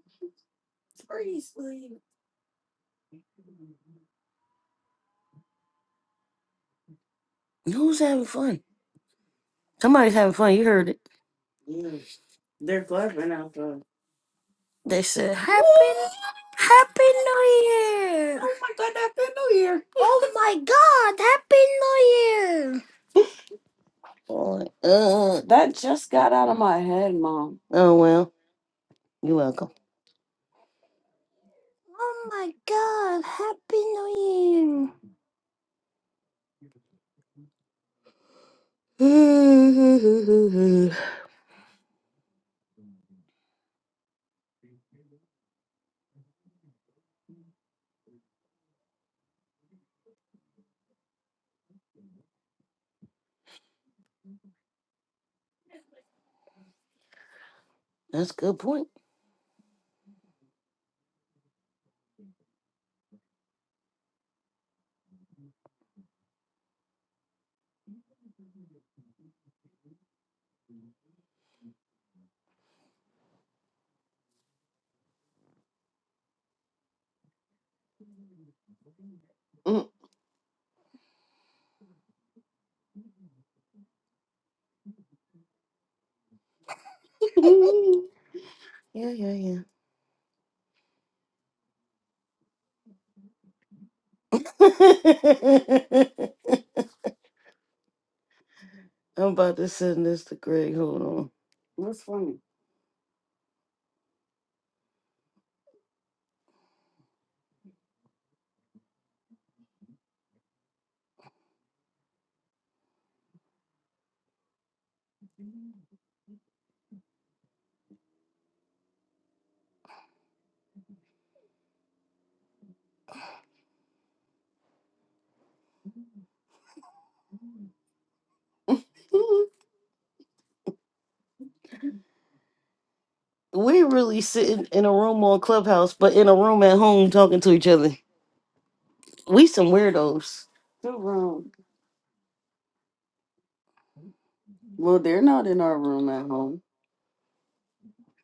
S2: Three sleep. Who's having fun? Somebody's having fun. You heard it. Yeah, They're fluffing out They said, Happy, Ooh, Happy New Year! oh my God, Happy New Year. Oh my god, Happy New Year! Boy, uh, that just got out of my head, Mom. Oh, well, you're welcome. Oh my god, Happy New Year! That's a good point. Mm. yeah, yeah, yeah. I'm about to send this to Greg. Hold on. What's funny? we really sitting in a room on Clubhouse, but in a room at home talking to each other. We some weirdos. Who room? Well, they're not in our room at home.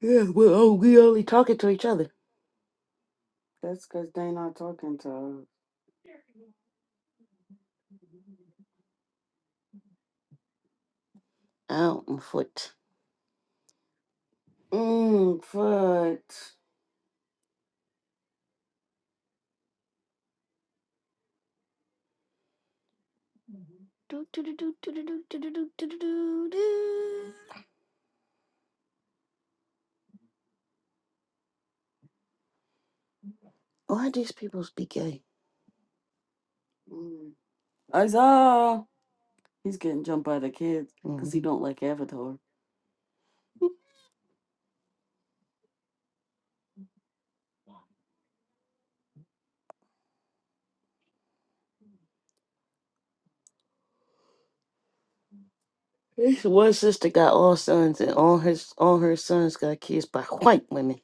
S2: Yeah, well, oh, we only talking to each other. That's because they not talking to us. Out and foot. Mmm, foot. Do, do, do, do, do, do, do, do, do, do, do, do, do. Why these people speak gay? Mm. Isaiah. He's getting jumped by the kids because he hmm don't like Avatar. This one sister got all sons, and all his all her sons got kids by white women.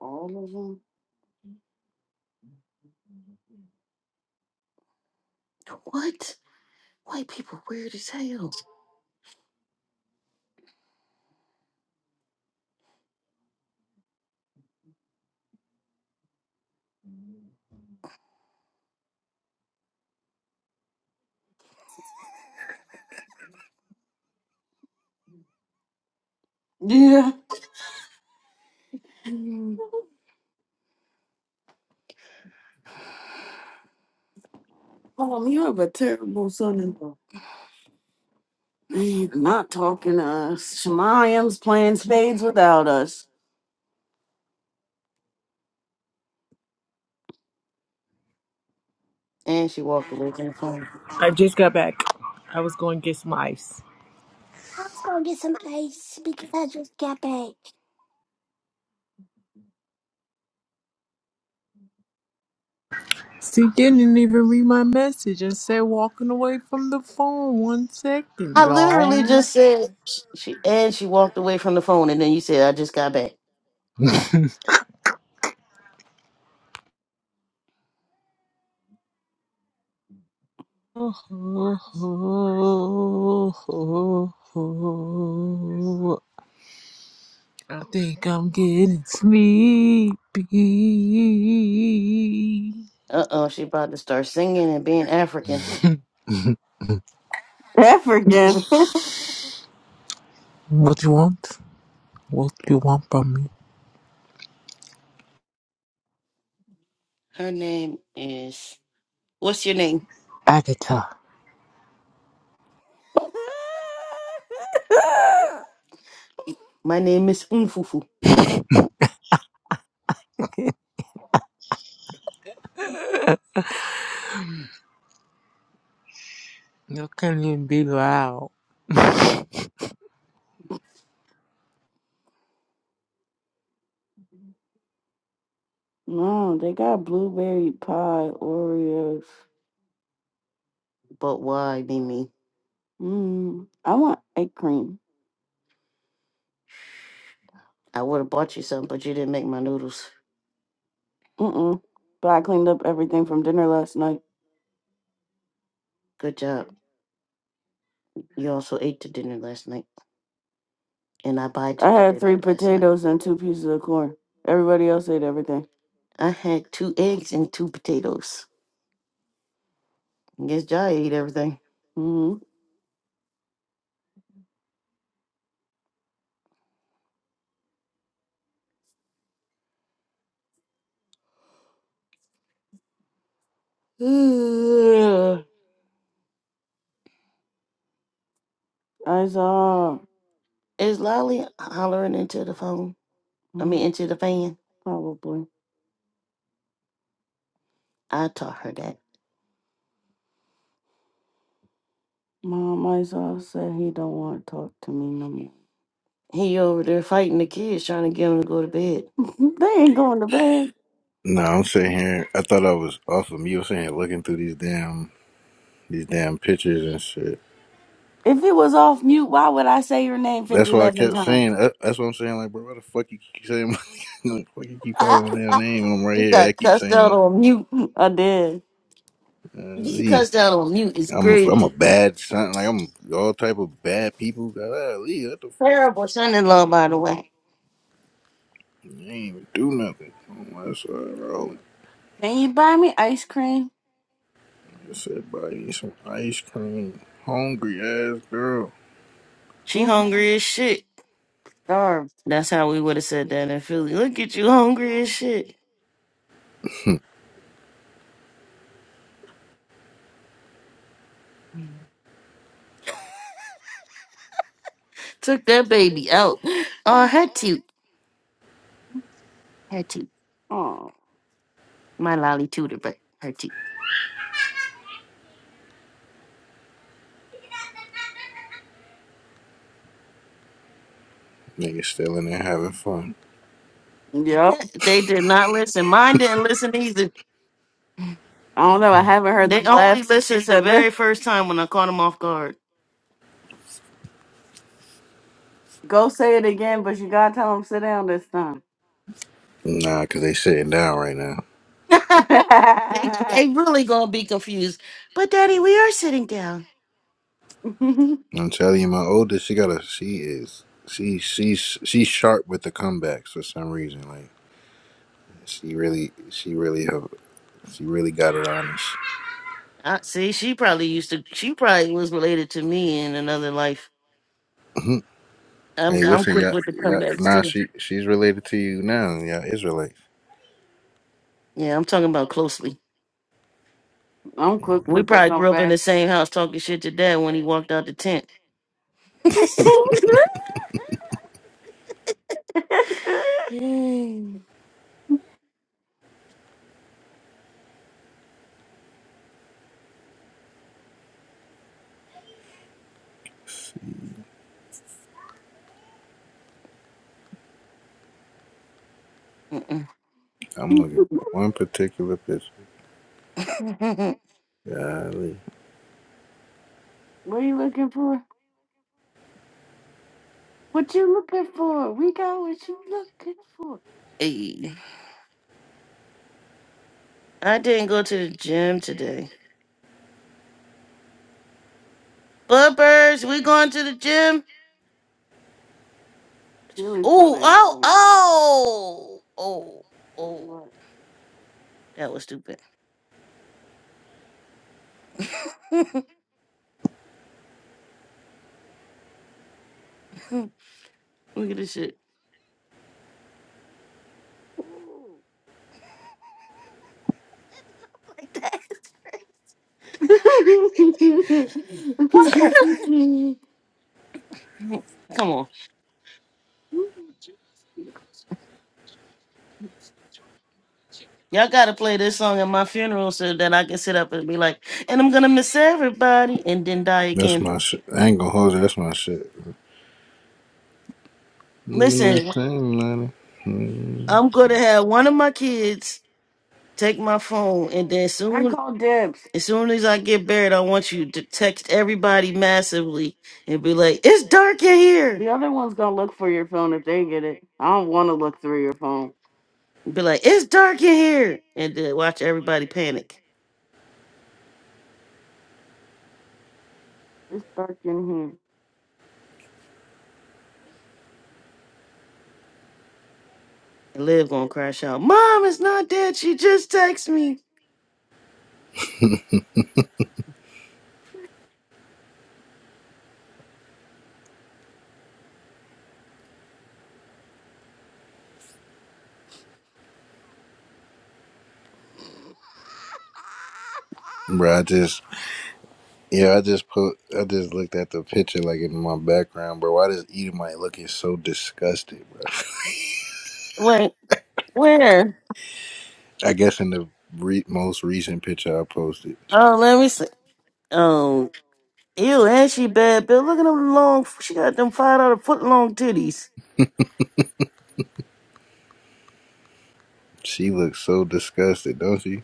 S2: All of them. What? White people weird as hell. Yeah. Mom, you have a terrible son-in-law. He's Not talking to us. Shemayim's playing spades without us. And she walked away from the phone.
S5: I just got back. I was going to get some ice. She didn't even read my message and said walking away from the phone. One second,
S2: I literally
S5: y'all.
S2: just said sh- she. And she walked away from the phone, and then you said I just got back.
S5: I think I'm getting sleepy.
S2: Uh oh, she about to start singing and being African. African.
S5: What you want? What you want from me?
S2: Her name is. What's your name?
S5: Agatha.
S2: My name is Umfufu.
S5: You can't even be loud.
S2: no, they got blueberry pie Oreos. But why, Mimi? Mm, I want egg cream. I would have bought you some, but you didn't make my noodles. Mm-mm. But I cleaned up everything from dinner last night. Good job. You also ate to dinner last night. and I buy I two had three eggs potatoes and two pieces of corn. Everybody else ate everything. I had two eggs and two potatoes. I guess Jai ate everything. hmm Is I saw is Lolly hollering into the phone? I mean, mm, into the fan. probably. I taught her that. Mom, I saw said he don't want to talk to me no more. He over there fighting the kids, trying to get them to go to bed. they ain't going to bed.
S4: No, I'm sitting here. I thought I was off of mute. I was sitting here looking through these damn these damn pictures and shit.
S2: If it was off mute, why would I say your name 50
S4: That's why I
S2: 11
S4: kept
S2: times?
S4: saying. uh, That's what I'm saying. Like, bro, why the fuck you keep saying? My, like, why you keep calling my damn name? And I'm right
S2: You
S4: here. I
S2: got
S4: keep
S2: cussed
S4: saying,
S2: out on mute. I did.
S4: I'm uh,
S2: You
S4: Lee.
S2: cussed out on mute is
S4: I'm a, I'm
S2: crazy.
S4: a bad son. Like I'm all type of bad people. God, Lee, what the fuck?
S2: Terrible son in law, by the way.
S4: You ain't even do nothing. Oh, that's all right, bro.
S2: Can you buy me ice cream?
S4: Just everybody eat some ice cream. Hungry ass girl.
S2: She hungry as shit. Starved. That's how we would have said that in Philly. Look at you hungry as shit. Took that baby out. Oh, her toot. Her toot. Oh, my lolly tutor, but her toot.
S4: Niggas still in there having fun.
S2: Yep. they did not listen. Mine didn't listen either. I don't know. I haven't heard They the only last listened the the very first time when I caught them off guard. Go say it again, but you gotta tell him sit down this time.
S4: Nah, cause they sitting down right now.
S2: They, they really gonna be confused. But Daddy, we are sitting down.
S4: I'm telling you, my oldest, she got a she is she she's she's sharp with the comebacks for some reason. Like she really she really have she really got it on us.
S2: Uh, see, she probably used to. She probably was related to me in another life.
S4: Mhm.
S2: I'm
S4: hey,
S2: I'm
S4: listen,
S2: quick
S4: y'all.
S2: with the
S4: Y'all.
S2: comebacks
S4: nah,
S2: too.
S4: she she's related to you now, Y'all yeah, Israelites.
S2: Yeah, I'm talking about closely. I'm quick We with the probably grew up in comeback. the same house talking shit to Dad when he walked out the tent. Dang. Mm-mm.
S4: I'm looking for one particular picture.
S2: What
S4: Golly.
S2: are you looking for? What you looking for? We got what you looking for. Hey. I didn't go to the gym today. Bumpers, we going to the gym? Really Ooh, like oh, oh, oh, oh. That was stupid. Look at this shit. Come on. Y'all gotta play this song at my funeral so that I can sit up and be like, and I'm gonna miss everybody and then die
S4: That's
S2: again.
S4: my shit. I ain't gonna hold you. That's my shit. You know what I'm
S2: Listen,
S4: saying, man?
S2: I'm
S4: Mm.
S2: gonna have one of my kids Take my phone, and then I soon, call dibs. as soon as I get buried, I want you to text everybody massively and be like, "It's dark in here." The other one's gonna look for your phone if they get it. I don't want to look through your phone. Be like, "It's dark in here," and then watch everybody panic. It's dark in here. And Liv gonna crash out. Mom is not dead. She just texted me.
S4: Bro, I just yeah, I just put I just looked at the picture like in my background, bro. Why does Edomite looking so disgusted, bro?
S2: Wait, where?
S4: I guess in the re- most recent picture I posted,
S2: Oh, let me see. Oh, ew, and she bad, Bill. Look at them long. She got them five dollar foot long titties.
S4: she looks so disgusted, don't she?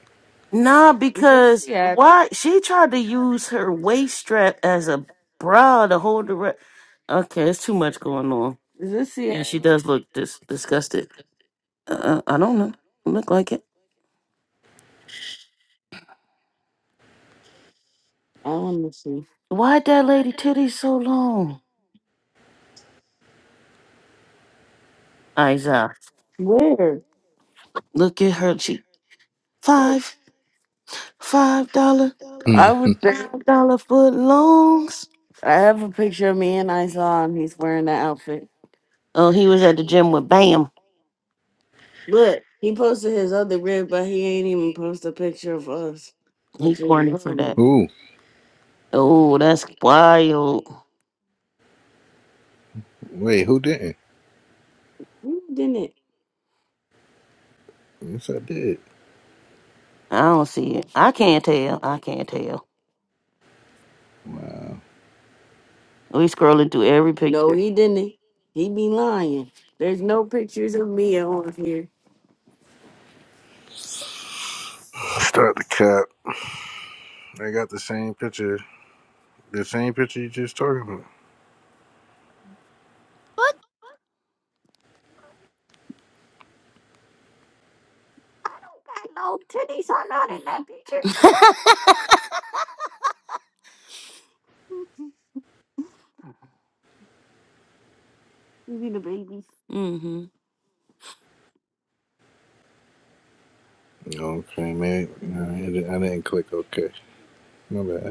S2: Nah, Because because why she tried to use her waist strap as a bra to hold the. Re- okay, it's too much going on. Is this she Yeah, she does look dis- disgusted. Uh, uh, I don't know. Look like it. I wanna see. Why'd that lady titties so long? Isa, Where? look at her. She five five dollar I was there. five dollar foot longs. I have a picture of me and I saw him. He's wearing that outfit. Oh, he was at the gym with Bam. Look, he posted his other rib, but he ain't even post a picture of us. He Which is corny for that. wild.
S4: Ooh,
S2: Oh, that's wild.
S4: wait, who didn't?
S2: No, he didn't.
S4: Yes, I did.
S2: I don't see it. I can't tell. I can't tell. We scrolling through every No, picture. he didn't. He be lying. There's no pictures of me on here.
S4: Start the cap. I got the same picture, the same picture you just talking about.
S2: What? You see the babies? mm-hmm.
S4: Okay, man. No, I didn't I didn't click. Okay. My bad.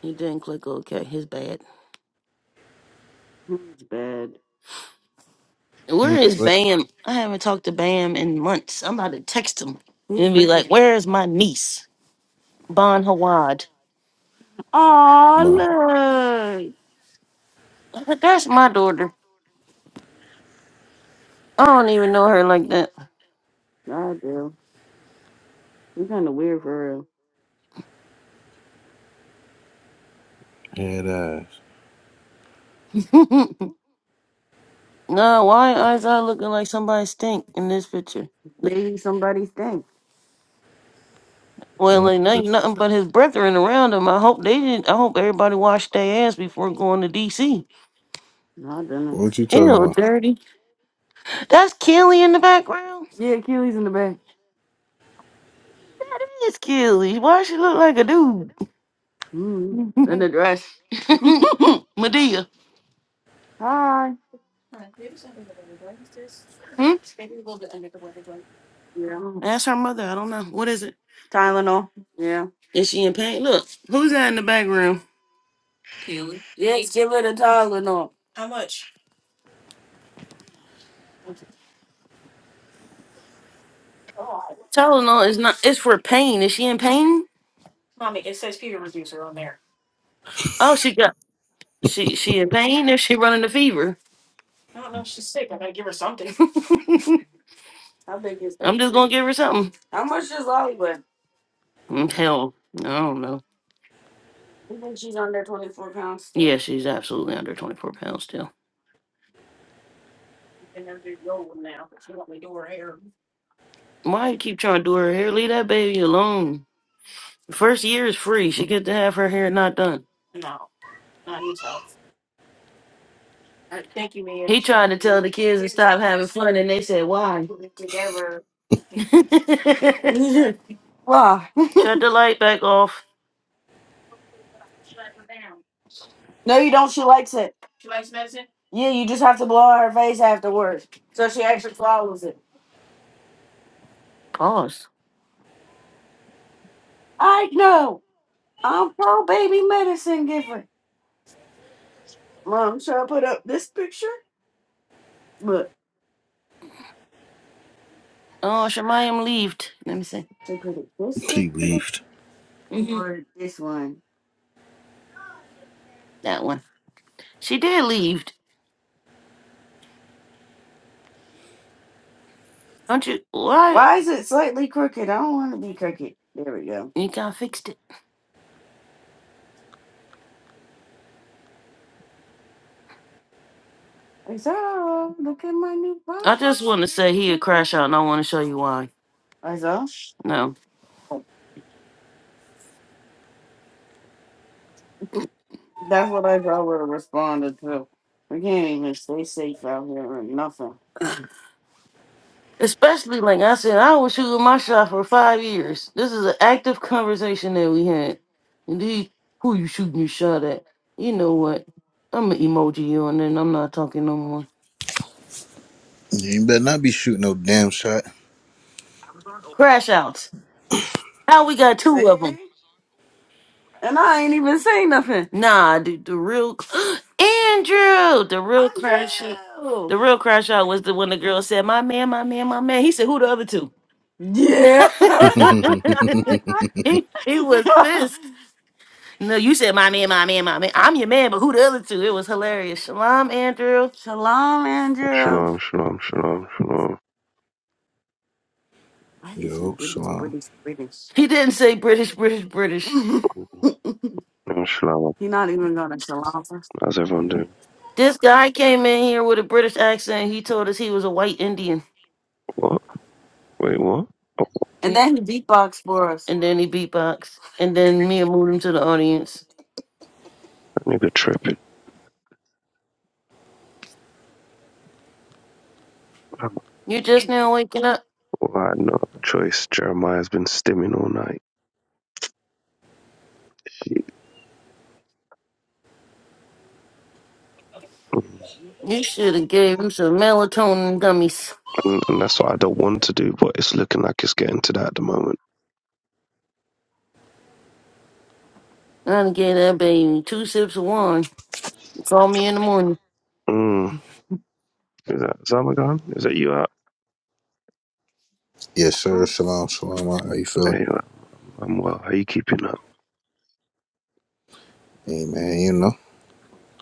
S2: He didn't click OK. His bad. It's bad. Where
S4: Man,
S2: is
S4: what-
S2: Bam? I haven't talked to Bam in months. I'm about to text him and be like, "Where is my niece, Bon Hawad?"
S4: My
S2: Oh, look. That's my daughter. I don't even know her like that. God, girl. You kind of weird for
S4: head ass.
S2: real. no, why is I looking like somebody stink in this picture? Maybe somebody stink. Well,
S4: What
S2: like there ain't nothing but his brethren around him. I hope they didn't. I hope everybody washed their ass before going to D.C. No, I didn't.
S4: what you talking
S2: Ew,
S4: about?
S2: dirty. That's Kelly in the background. Yeah, Keely's in the back. That is Kelly. Why she look like a dude? mm In the dress. Medea. Hi. Hmm? Yeah. That's her mother. I don't know. What is it? Tylenol. Yeah. Is she in pain? Look, who's that in the background? Yeah, give her the Tylenol. Tylenol is not. It's for pain. Is she in pain? Oh, she got. She she in pain Is she running a fever? I think it's. I'm just gonna give her something. How much is Oliver? Mm, Hell, I don't know. Yeah, she's absolutely under 24 pounds still. Why you keep trying to do her hair? Leave that baby alone. First year is free. She get to have her hair not done. He tried to tell the kids to stop having fun, and they said, why? Why? Shut Why? the light back off. no, you don't. She likes it. Yeah, you just have to blow on her face afterwards. So she actually follows it. Pause. I know. I'm pro baby medicine giver. Mom, should I put up this picture? Oh, Shemayim leaved. Let me see. So could it this
S4: He
S2: picture
S4: beefed.
S2: hmm or this one? That one. She did leave. Don't you? Why? Why is it slightly crooked? I don't want to be crooked. There we go. You kind of fixed it. I said, oh, look at my new phone. I just want to say he a crash out, and I want to show you why. I saw. No. That's what I thought would have responded to. We can't even stay safe out here or nothing. Especially like I said, I was shooting my shot for five years. This is an active conversation that we had. Indeed, who you shooting your shot at? You know what? I'm an emoji you and then I'm not talking no more.
S4: You better not be shooting no damn shot.
S2: Crash outs. How we got two of them? And I ain't even say nothing. Nah, dude, the real Andrew, the real crash, out- Oh. the real crash out was the one the girl said, "My man, my man, my man." He said, "Who the other two?" Yeah.
S4: Yo,
S2: he, he was pissed. No, you said my man, my man, my man. I'm your man, but who the other two? It was hilarious. Shalom, Andrew. Shalom, Andrew.
S7: Shalom, shalom, shalom, shalom.
S2: Why did he say British,
S4: shalom.
S2: British, British? He didn't say British, British, British.
S7: Shalom, shalom.
S2: He not even going to shalom. us.
S7: How's everyone doing?
S2: This guy came in here with a British accent. He told us he was a white Indian.
S7: What? Wait, what? Oh,
S2: And then he beatbox for us. And then he beatbox. And then Mia moved him to the audience.
S7: that nigga tripping. Well,
S2: You just now waking up?
S7: I had no choice. Jeremiah's been stimming all night. Mm.
S2: You should have gave him some melatonin gummies.
S7: And, and that's what I don't want to do, but it's looking like it's getting to that at the moment.
S2: I done gave that baby two sips of wine. Call me in the morning.
S7: Mm. Is that Zamagan? Is that you out?
S4: Yes, sir. Shalom, shalom. How you feeling?
S7: Hey, I'm I'm well. How you keeping up?
S4: Hey, man, you know,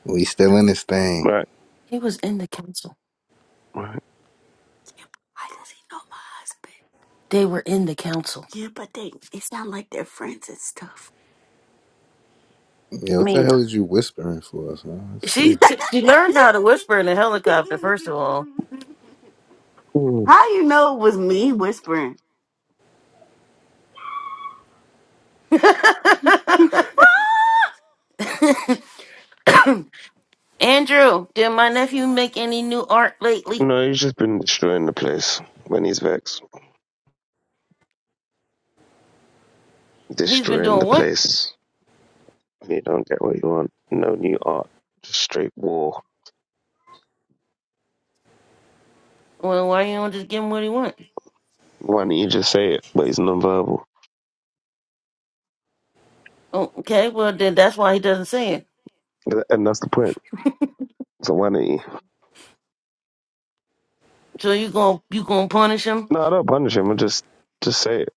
S4: we still in this thing.
S7: Right,
S2: He was in the council.
S7: right.
S2: Yeah, but why does he know my husband? They were in the council. Yeah, but they it sound like they're friends and stuff.
S4: Yo,
S2: I
S4: what
S2: mean,
S4: the hell is you whispering for us, man? That's
S2: she
S4: crazy.
S2: t- she learned how to whisper in a helicopter. First of all,
S7: Mm.
S2: How you know it was me whispering? Andrew, did my nephew make any new art lately?
S7: No, he's just been destroying the place when he's vexed.
S2: He's been
S7: Destroying the
S2: doing what?
S7: place. You don't get what you want. No new art. Just straight war.
S2: Well, why you don't just give him what he wants?
S7: Why don't you just say it? But he's nonverbal.
S2: Oh, okay, well then that's why he doesn't say it.
S7: And that's the point. So why don't you?
S2: So you going you gonna punish him,
S7: No, I don't punish him. I just just say it.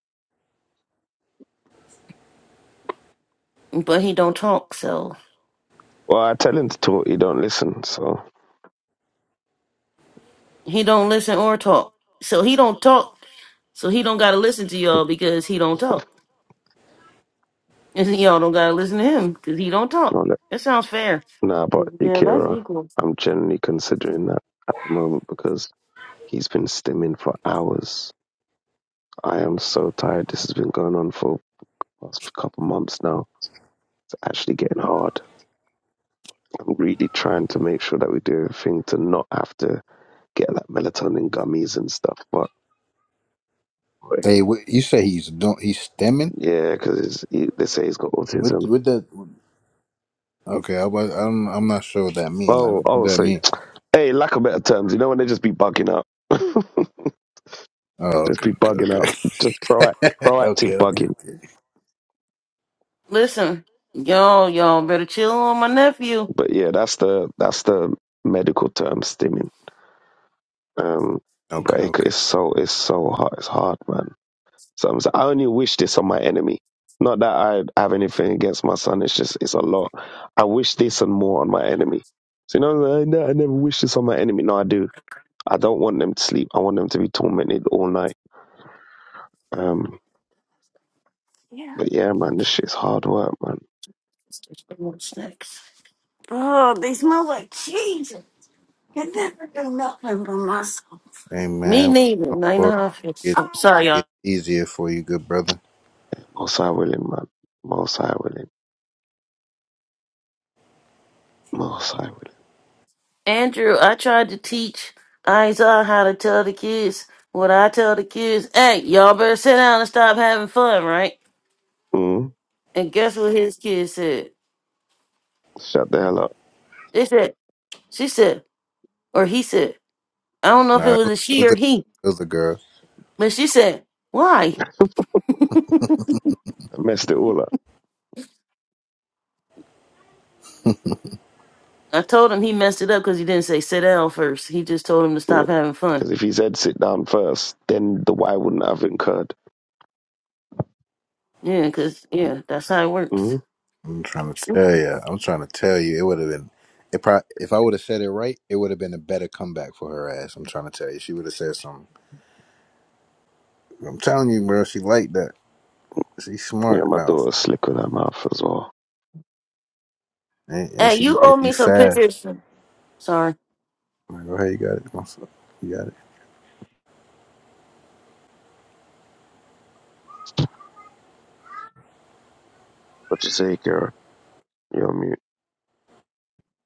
S2: but he don't talk. So.
S7: Well, I tell him to talk. He don't listen. So
S2: He don't listen or talk. So he don't talk. So he don't gotta listen to y'all because he don't talk. And y'all don't gotta listen to him because he don't talk.
S7: I'll let.
S2: That sounds fair.
S7: Nah, but
S2: Yeah, that's
S7: Akira,
S2: equal.
S7: I'm generally considering that at the moment because he's been stimming for hours. I am so tired. This has been going on for past couple months now. It's actually getting hard. I'm really trying to make sure that we do everything to not have to get like melatonin gummies and stuff. But but,
S4: Hey, what, you say he's don't he's stemming?
S7: yeah, because he, they say he's got
S4: What
S7: autism.
S4: what that? Okay, I was I'm I'm not sure what that mean. Like
S7: Oh,
S4: what
S7: oh,
S4: that
S7: so
S4: mean?
S7: hey, lack of better terms. You know when they just be bugging up,
S4: Oh,
S7: just
S4: okay,
S7: be
S4: okay,
S7: bugging
S4: okay.
S7: up, just proact,
S4: okay,
S7: proactive
S4: okay,
S7: bugging.
S4: okay.
S2: Listen, y'all, y'all better chill on my nephew.
S7: But yeah, that's the that's the medical term stimming. Um,
S4: Okay,
S7: but it,
S4: okay.
S7: it's so it's so hard. It's hard, man. So I'm, I only wish this on my enemy. Not that I have anything against my son. It's just it's a lot. I wish this and more on my enemy. So you know, I ne- I never wish this on my enemy. No, I do. I don't want them to sleep. I want them to be tormented all night. Um,
S2: Yeah.
S7: but yeah, man, this shit's hard work, man.
S2: What's next? Oh, they smell like cheese. I never do nothing for myself. Me
S4: Amen.
S2: neither. Nine
S4: Lord,
S2: and a half.
S4: it gets
S2: I'm sorry,
S4: it
S2: y'all.
S4: gets easier for you, good brother.
S7: Most I willing, man. Most I willing. Most I
S2: Andrew, I tried to teach Isaiah how to tell the kids what I tell the kids. Hey, y'all better sit down and stop having fun, right?
S7: willing.
S2: And guess what his kids said?
S7: Mm, shut the hell up.
S2: They said, she said, or he said, I don't know if it
S4: No, it
S2: was
S4: was,
S2: a
S4: it
S2: she
S4: was
S2: or
S4: a
S2: he,
S4: it was a girl.
S2: but she said, why?
S7: I messed it all up.
S2: I told him he messed it up because he didn't say sit down first. He just told him to
S7: Yeah,
S2: stop having fun.
S7: because if he said sit down first, then the why wouldn't have incurred.
S2: Yeah, because, yeah, that's how it works.
S7: Mm,
S4: I'm trying to tell you. I'm trying to tell you. It would have been it. probably if I would have said it right, it would have been a better comeback for her ass. I'm trying to tell you. She would have said something. I'm telling you, bro. She like that. She
S7: yeah,
S4: smart
S7: my
S4: mouth,
S7: daughter's slick with her mouth as well.
S4: and, and
S2: Hey,
S4: she
S2: you owe
S4: if you
S2: me some
S4: fast.
S2: pictures. Sorry.
S4: I'm like, go ahead, you got it. my son. You
S7: What you say, girl? You're on mute.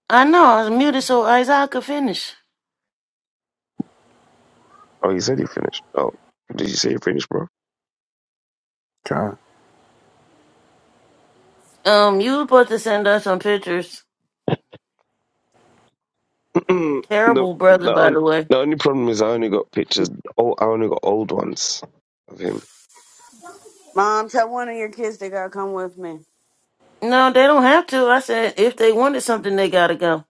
S2: I know, I was muted so Isaiah could finish.
S7: Oh, you said you finished. Oh, did you say you finished, bro?
S4: got
S2: Um, you were supposed to send us some pictures
S7: the
S2: Terrible brother,
S7: the,
S2: by
S7: on,
S2: the way.
S7: the only problem is I only got pictures. Oh, I only got old ones of him.
S1: Mom, tell one of your kids they gotta come with me.
S2: No, they don't have to. I said if they wanted something, they gotta go.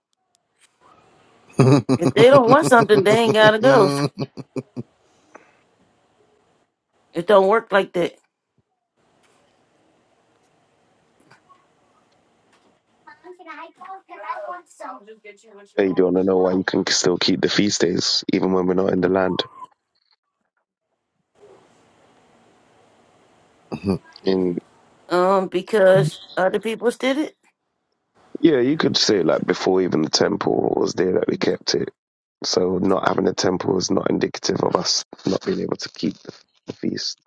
S2: If they don't want something, they ain't gotta go.
S4: it.
S2: It don't work like that.
S7: Hey, do you want to know why you can still keep the feast days even when we're not in the land?
S4: Try.
S7: In
S2: Um, because other people did it.
S7: yeah, you could say like before even the temple was there that we kept it. So not having a temple is not indicative of us not being able to keep the, the feast.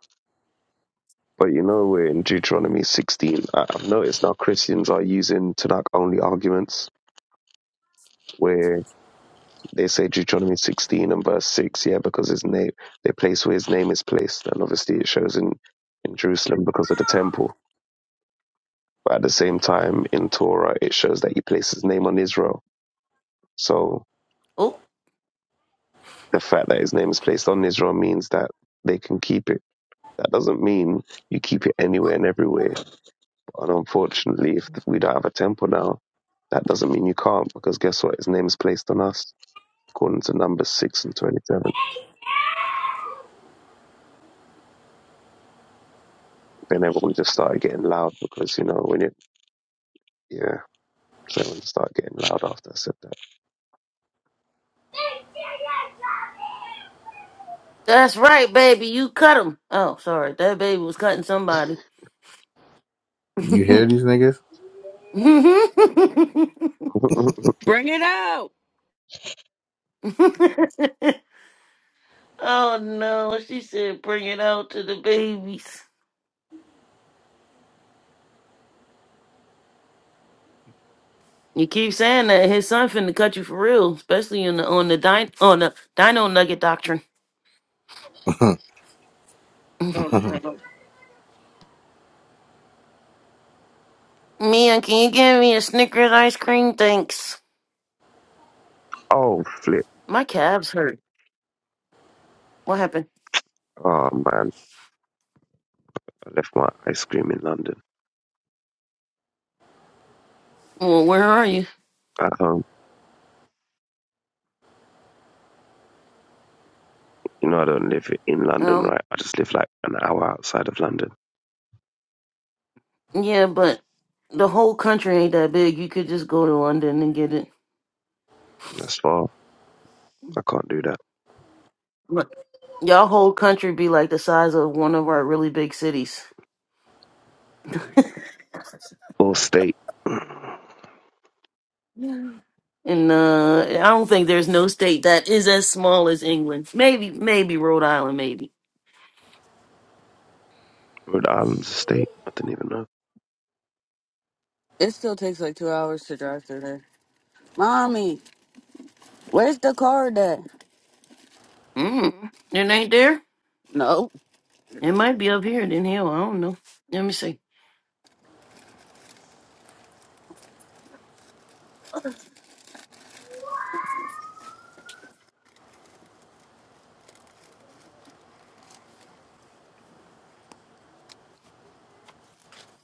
S7: But you know, we're in Deuteronomy 16. I, I've noticed now Christians are using Tanakh only arguments where They say Deuteronomy 16 and verse 6, yeah, because his name, the place where his name is placed. And obviously it shows in, in Jerusalem because of the temple. But at the same time, in Torah, it shows that he placed his name on Israel. So
S2: Oh,
S7: the fact that his name is placed on Israel means that they can keep it. That doesn't mean you keep it anywhere and everywhere. And unfortunately, if we don't have a temple now, that doesn't mean you can't, because guess what? His name is placed on us, according to Numbers 6 and 27. Then everyone just started getting loud because, you know, when you Yeah, so when it started getting loud after I said
S2: that's right, baby. You cut him. Oh, sorry, that baby was cutting somebody.
S4: You
S2: oh
S4: hear these niggas?
S7: that.
S1: Bring it out.
S2: no, she said, bring it out to the babies. You keep saying that his son finna cut you for real, especially in the on the din- on the Dino Nugget doctrine.
S1: Oh, no.
S2: Mia, can you give me a Snickers ice cream? Thanks.
S7: oh, flip.
S2: My calves hurt. What happened?
S7: Oh, man. I left my ice cream in London
S2: Well, where are you?
S7: at home. You know, I don't live in London,
S2: Um,
S7: right? I just live like an hour outside of London.
S2: yeah, but the whole country ain't that big. You could just go to London and get it.
S7: That's far. I can't do that.
S2: Look, y'all whole country be like the size of one of our really big cities.
S7: Or state.
S2: And uh, I don't think there's no state that is as small as England. Maybe, maybe Rhode Island, maybe.
S7: Yeah, Rhode Island's a state. I didn't even know.
S1: It still takes like two hours to drive through there. Mommy, where's the card at?
S2: Mm, it ain't there.
S1: No.
S2: It might be up here in hell. I don't know. Let me see.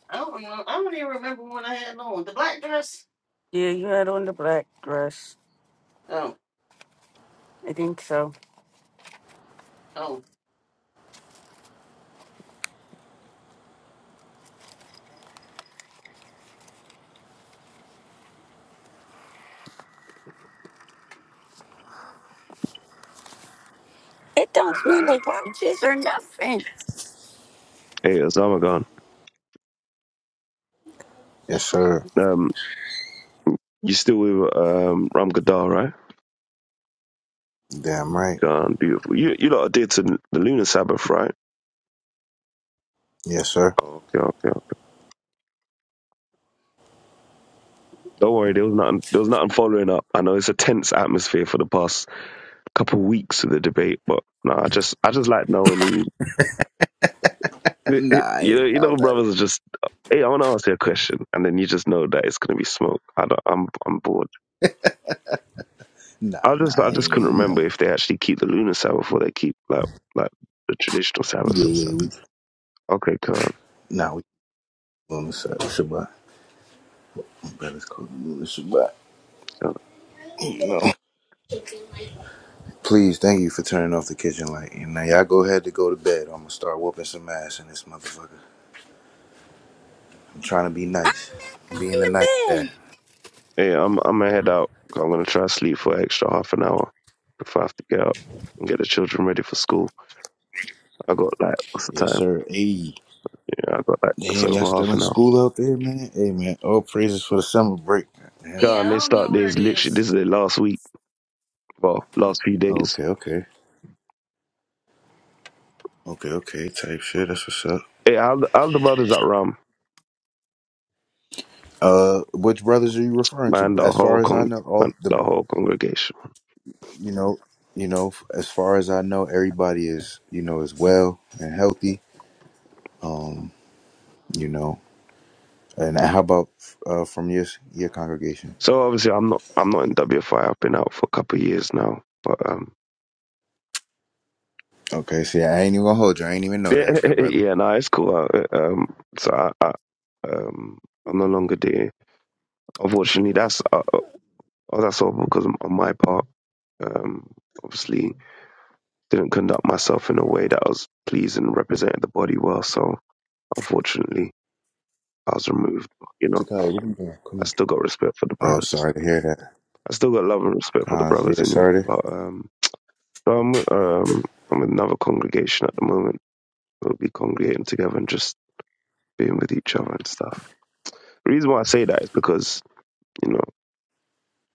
S2: I don't know. I don't even remember when I had on the black dress.
S1: Yeah, you had on the black dress.
S2: Oh,
S1: I think so.
S2: oh,
S1: It don't
S2: what is
S1: smell
S2: that?
S1: like roaches or nothing.
S7: Hey, Osama gone.
S4: yes, sir.
S7: Um, you still with um, Ram Gadar, right?
S4: Damn right.
S7: Gone, beautiful. You you lot did to the Lunar Sabbath, right?
S4: Yes, sir.
S7: Okay, okay, okay. Don't worry, there was nothing. There was nothing following up. I know it's a tense atmosphere for the past couple of weeks of the debate, but no, I just, I just like knowing you.
S4: nah, I
S7: You know,
S4: ain't.
S7: you know,
S4: I'm
S7: brothers are just. Hey, I want to ask you a question, and then you just know that it's gonna be smoke. I don't, I'm, I'm bored.
S4: Nah,
S7: I just,
S4: nah, I
S7: I just
S4: ain't.
S7: couldn't
S4: You know.
S7: remember if they actually keep the lunar Sabbath or they keep like, like the traditional Sabbath
S4: Yeah,
S7: and
S4: yeah.
S7: stuff.
S4: We,
S7: Okay, come
S4: nah, we on Shabbat. My brother's called Luna Shabbat.
S7: on.
S4: You know. Please, thank you for turning off the kitchen light. And now y'all go ahead to go to bed. I'm gonna start whooping some ass in this motherfucker. I'm trying to be
S1: I'm
S4: nice.
S1: not going
S4: Being a
S1: to
S4: nice dad.
S1: bed.
S7: Hey, I'm, I'm gonna head out. I'm gonna try to sleep for an extra half an hour before I have to get up and get the children ready for school. I got like what's the
S4: Yes,
S7: time?
S4: sir. Ayy.
S7: Yeah, I got like just
S4: Damn, y'all
S7: over
S4: still
S7: half
S4: in
S7: an hour.
S4: school out there, man? Hey, man. All praises for the summer break. Damn.
S7: Yeah,
S2: yeah,
S7: and
S2: I
S7: they
S2: don't
S7: start
S2: know where
S7: this
S2: it
S7: literally
S2: is.
S7: this is the last week, well, last few days.
S4: Okay, okay. Okay, okay. Type shit. That's what's up.
S7: Yeah, all the, all the brothers at Ram,
S4: Uh, which brothers are you referring to?
S7: man, the
S4: As far
S7: whole
S4: as I
S7: con
S4: know, all
S7: man,
S4: the,
S7: the whole congregation.
S4: you know, you know, as far as I know, everybody is, you know, is well and healthy. Um, you know, and how about uh from your your congregation?
S7: So obviously I'm not I'm not in WFI, I've been out for a couple of years now. But um
S4: Okay, see, I ain't even gonna hold you. I ain't even know
S7: yeah,
S4: that, good brother.
S7: yeah, no, it's cool. Uh, Um so I, I, um I'm no longer there. Unfortunately that's uh, uh, that's all because of on my part. Um obviously. didn't conduct myself in a way that was pleasing and represented the body well. So unfortunately, I was removed. But, you know,
S4: Takai, what you doing? Come
S7: I
S4: on.
S7: still got respect for the
S4: Oh,
S7: brothers.
S4: sorry to hear that.
S7: I still got love and respect for the
S4: Cause,
S7: brothers
S4: yeah,
S7: anyway.
S4: sorry.
S7: But um, so I'm with, um, I'm with another congregation at the moment. We'll be congregating together and just being with each other and stuff. The reason why I say that is because you know,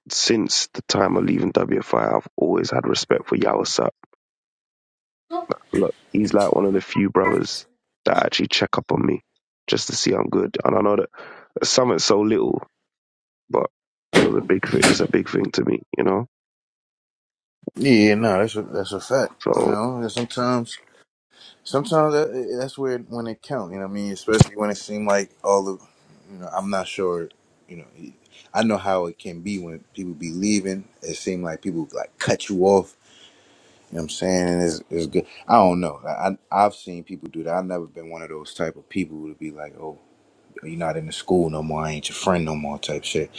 S7: since the time of leaving WFI, I've always had respect for Yawasap. Look, he's like one of the few
S4: to.
S7: brothers that actually check up on me just to see I'm good. And I know that something so little, but it was a big thing. It's a big thing to me, you know.
S4: Yeah, no, that's a, that's a fact. You
S7: So
S4: know, and sometimes sometimes that, that's where when it count. You know, what I mean, especially when it seemed like all of, you know, I'm not sure. You know, I know how it can be when people be leaving. It seemed like people like cut you off. You know what I'm saying? And it's, it's good. I don't know. I, I I've seen people do that. I've never been one of those type of people to be like, oh, you're not in the school no more. I ain't your friend no more. Type shit.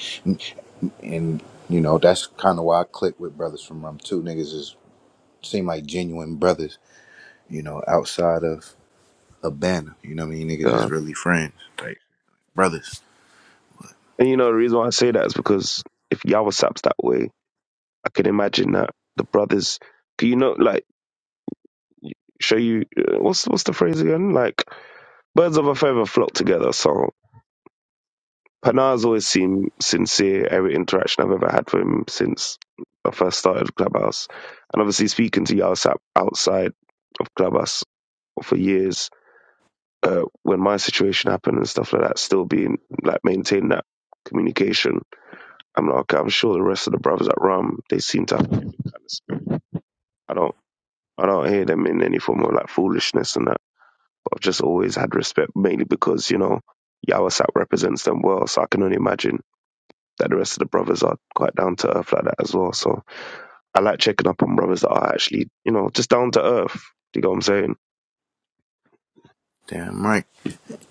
S4: And you know, that's kind of why I click with brothers from Rum too. Niggas is seem like genuine brothers, you know, outside of a banner. You know what I mean? Niggas is
S7: God,
S4: really friends, like brothers.
S7: and you know the reason why I say that is because if Yahweh saps that way, I can imagine that the brothers, 'cause you know, like show you uh, what's what's the phrase again? Like birds of a feather flock together. So Panar's always seemed sincere every interaction I've ever had with him since I first started Clubhouse, and obviously speaking to Yahweh Sap outside of Clubhouse for years uh, when my situation happened and stuff like that, still being like maintaining that communication. I'm like, okay, I'm sure the rest of the brothers at Ram, they seem to have a different kind of spirit. I don't, I don't hear them in any form of like foolishness and that. But I've just always had respect, mainly because you know Yawasap represents them well. So I can only imagine that the rest of the brothers are quite down to earth like that as well. So I like checking up on brothers that are actually, you know, just down to earth. Do you get what I'm saying?
S4: Damn right.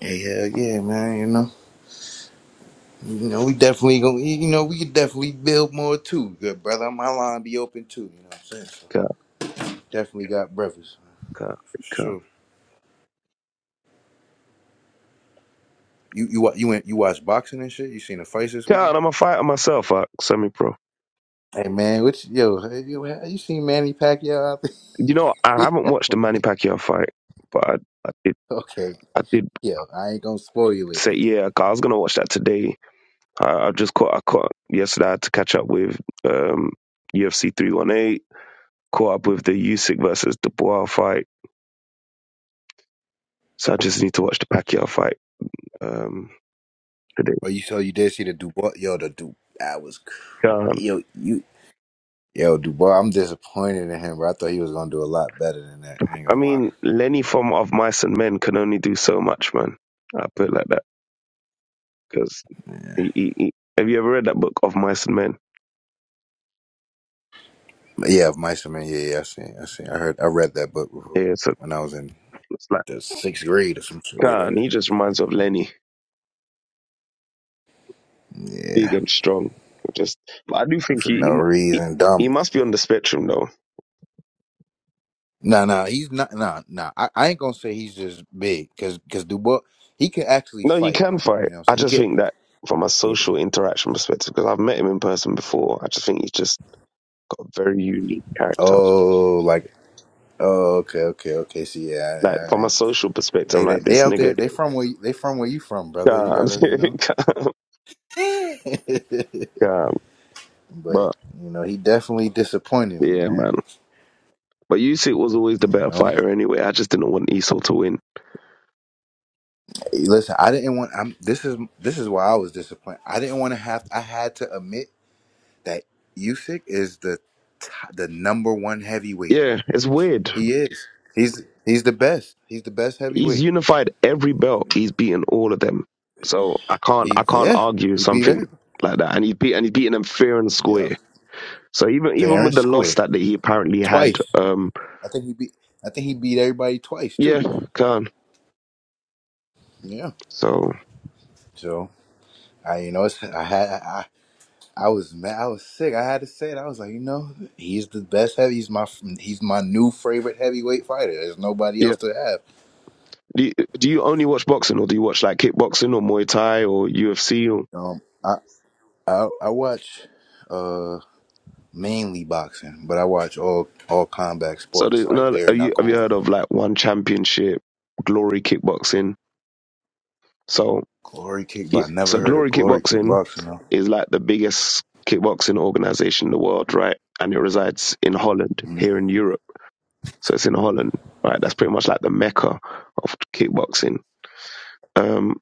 S4: Hey, hell yeah, man. You know, you know, we definitely gonna, you know, we could definitely build more too. Good brother, my line be open too. You know what I'm saying? So definitely got brothers man,
S7: God,
S4: for
S7: God,
S4: sure. You you wa- you went you watched boxing and shit. You seen the fights this weekend?
S7: God, I'm a fighter myself, uh, semi-pro.
S4: Hey man, what you- yo? Hey, yo, you seen Manny Pacquiao out
S7: You know, I haven't
S4: there?
S7: watched the Manny Pacquiao fight, but I, I did.
S4: okay,
S7: I did
S4: yeah, I ain't gonna spoil you with
S7: say,
S4: that.
S7: yeah, 'cause I was gonna watch that today. I, I just caught. I caught yesterday. I had to catch up with um, UFC 318. Caught up with the Usyk versus Dubois fight. So I just need to watch the Pacquiao fight um, today.
S4: Oh, you so you did see the Dubois? Yo, the Du that was crazy.
S7: God,
S4: Yo, you yo Dubois. I'm disappointed in him, bro. I thought he was gonna do a lot better than that. I ain't
S7: I
S4: gonna lie.
S7: mean, Lenny from Of Mice and Men can only do so much, man. I put it like that because he, he, he, have you ever read that book of Mice and Men?
S4: But yeah, of Meisterman. Yeah, yeah. I seen. I seen. I heard. I read that book before
S7: Yeah, so.
S4: when I was in
S7: It's like
S4: the sixth grade or some shit like that.
S7: God, he just reminds me of Lenny, big
S4: Yeah,
S7: and strong. Just, but I do think
S4: for
S7: he
S4: no
S7: he, mu- he
S4: reason,
S7: he
S4: dumb.
S7: must be on the spectrum though.
S4: Nah, nah. He's not. Nah, nah. I, I ain't gonna say he's just big, cause cause Dubois he can actually
S7: No, he
S4: fight.
S7: can fight.
S4: You know, what I'm
S7: I
S4: saying he
S7: just
S4: could.
S7: think that from a
S4: Yeah.
S7: social interaction perspective, because I've met him in person before, I just think he's just got a very unique character.
S4: Oh, like. Oh, okay, okay, okay. See, yeah,
S7: Like
S4: all right.
S7: from a social perspective,
S4: Hey,
S7: I'm
S4: they,
S7: like
S4: they
S7: this
S4: out
S7: nigga,
S4: there. They from where they from where you from, brother. You
S7: God,
S4: gotta, you know.
S7: God, God.
S4: but
S7: But
S4: you know, he definitely disappointed me,
S7: yeah,
S4: man.
S7: man. But Usyk was always the
S4: You
S7: better
S4: know,
S7: fighter anyway. I just didn't want Esau to win.
S4: Hey, listen, I didn't want. I'm. This is this is why I was disappointed. I didn't want to have. I had to admit that Usyk is the t- the number one heavyweight.
S7: Yeah, it's weird.
S4: He is. He's he's the best. He's the best
S7: He's
S4: heavyweight.
S7: unified every belt. He's beaten all of them. So I can't I
S4: He's
S7: can't
S4: yeah.
S7: argue
S4: He beat
S7: something
S4: everybody.
S7: like that. And he's beat and he's beaten them fair and
S4: Yeah,
S7: square. So even even
S4: fair
S7: with
S4: and
S7: the loss
S4: square
S7: that, that he apparently had,
S4: twice.
S7: um,
S4: I think he beat. I think he beat everybody twice
S7: yeah,
S4: too.
S7: can
S4: Yeah.
S7: So
S4: So. I, you know, it's, I had, I, I was mad, I was sick. I had to say it. I was like, you know, he's the best heavy. He's my, he's my new favorite heavyweight fighter. There's nobody
S7: yeah,
S4: else to have.
S7: do you, do you only watch boxing or do you watch like kickboxing or Muay Thai or UFC? Or,
S4: Um, I, I, I watch, uh, mainly boxing, but I watch all, all combat
S7: so do,
S4: sports like
S7: no,
S4: bare
S7: have you have you
S4: knuckle,
S7: heard of like one championship, Glory Kickboxing? So
S4: glory kick.
S7: yeah,
S4: But I never
S7: so
S4: heard of
S7: Glory
S4: glory
S7: Kickboxing
S4: kickboxing. Though.
S7: is like the biggest kickboxing organization in the world, right? And it resides in Holland,
S4: Mm-hmm.
S7: here in Europe. So it's in Holland, right? That's pretty much like the mecca of kickboxing. Um,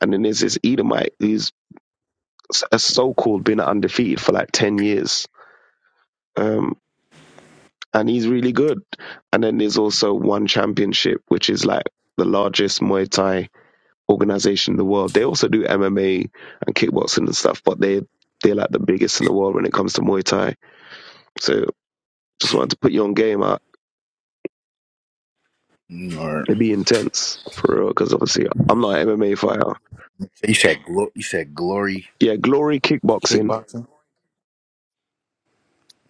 S7: and then there's this Edomite who's a a so-called been undefeated for like 10 years. Um, and he's really good. And then there's also One Championship, which is like the largest Muay Thai organization in the world. They also do MMA and kickboxing and stuff, but they, they're like the biggest in the world when it comes to Muay Thai. So Just wanted to put you on game. Uh,
S4: Mm-hmm. Or
S7: it'd be intense for real, because obviously I'm not an MMA fighter.
S4: you said, glo- you said glory
S7: Yeah, Glory Kickboxing,
S4: kickboxing.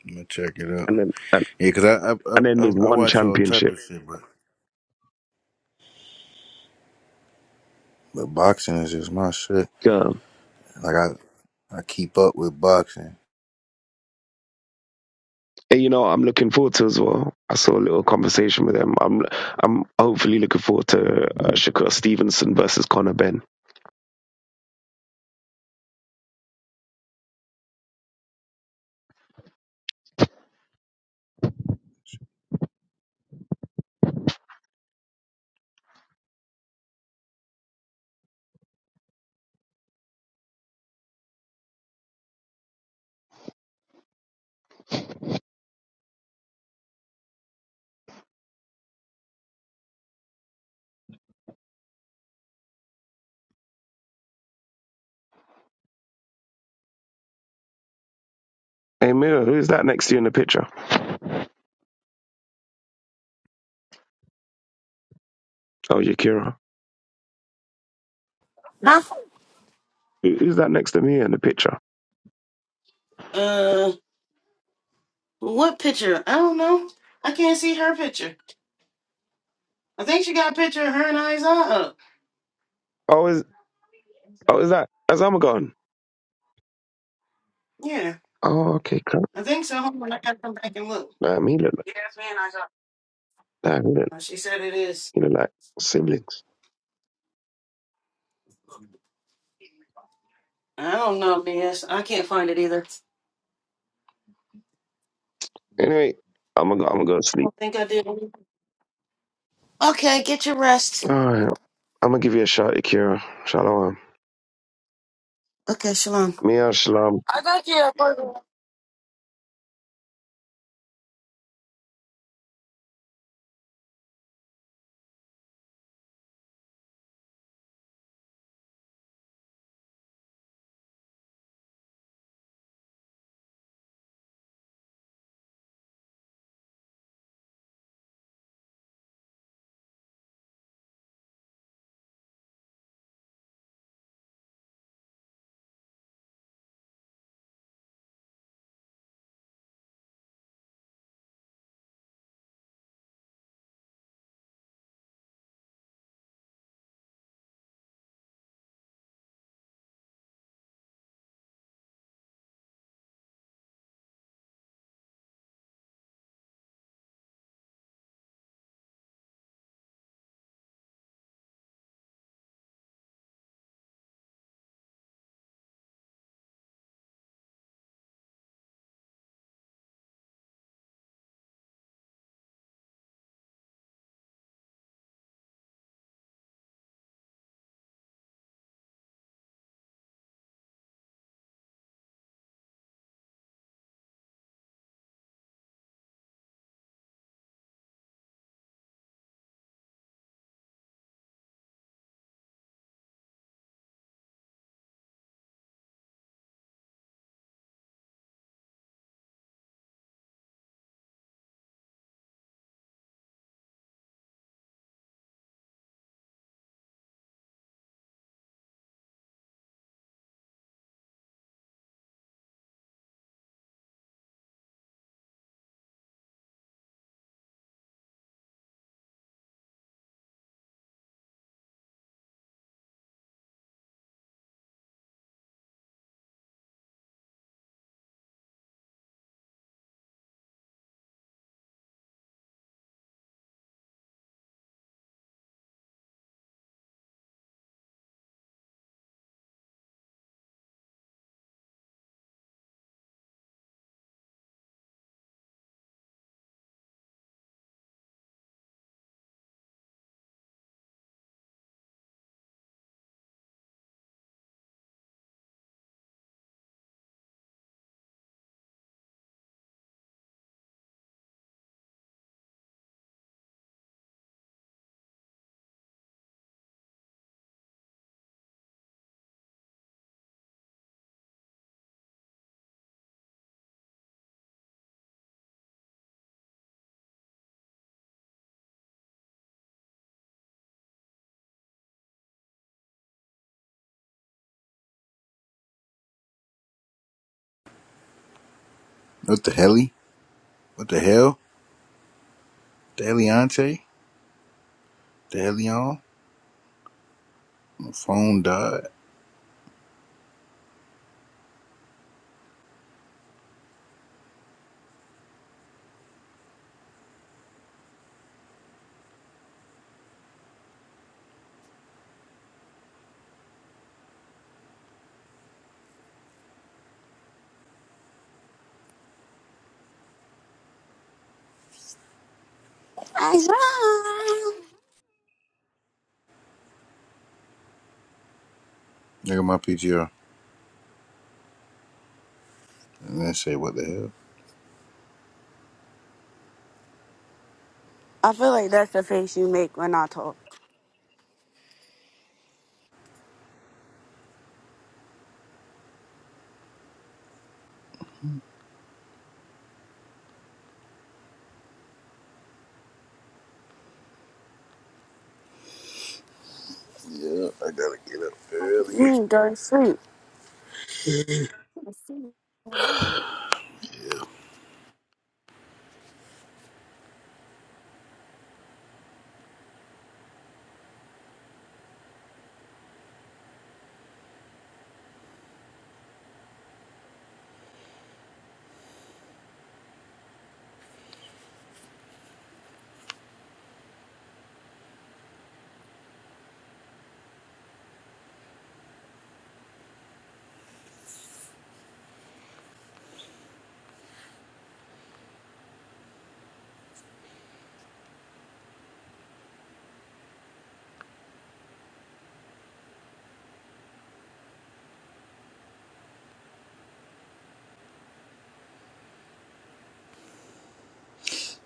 S4: I'm gonna check it out.
S7: and then and,
S4: Yeah, cause I, I, I,
S7: and then there's
S4: I I
S7: one
S4: watch all type
S7: championship.
S4: of shit, but. But boxing is just my shit.
S7: Yeah.
S4: Like I, I keep up with boxing.
S7: And you know, what I'm looking forward to as well. I saw a little conversation with them. I'm I'm hopefully looking forward to uh, Shakur Stevenson versus Conor Ben. Hey Mira, who's that next to you in the picture? Oh, Yakira. Who- Who's that next to me in the picture?
S2: Uh, what picture? I don't know. I can't see her picture. I think she got a picture of her and Isaiah up.
S7: Oh, is oh is that Azamagon?
S2: Yeah,
S7: Oh, okay, crap.
S2: I think so. Hold on, I can look.
S7: Nah, me look like nah, me look,
S2: Uh, She said it is.
S7: me look like siblings.
S2: I don't know, BS. I can't find it either. I
S7: Anyway, I'm gonna go, I'm gonna go to sleep.
S2: don't think I did. Okay, get your rest.
S7: All right, I'm gonna give you a shot, Akira. Shalom.
S2: Okay, shalom.
S7: Mia shalom.
S4: What the heli? What the hell? The Eliante? The Helion? My phone died. Look at my PTR. And then say what the hell?
S1: I feel like that's the face you make when I talk.
S4: Yeah, I gotta get up
S1: You
S4: early.
S1: Mm, guys.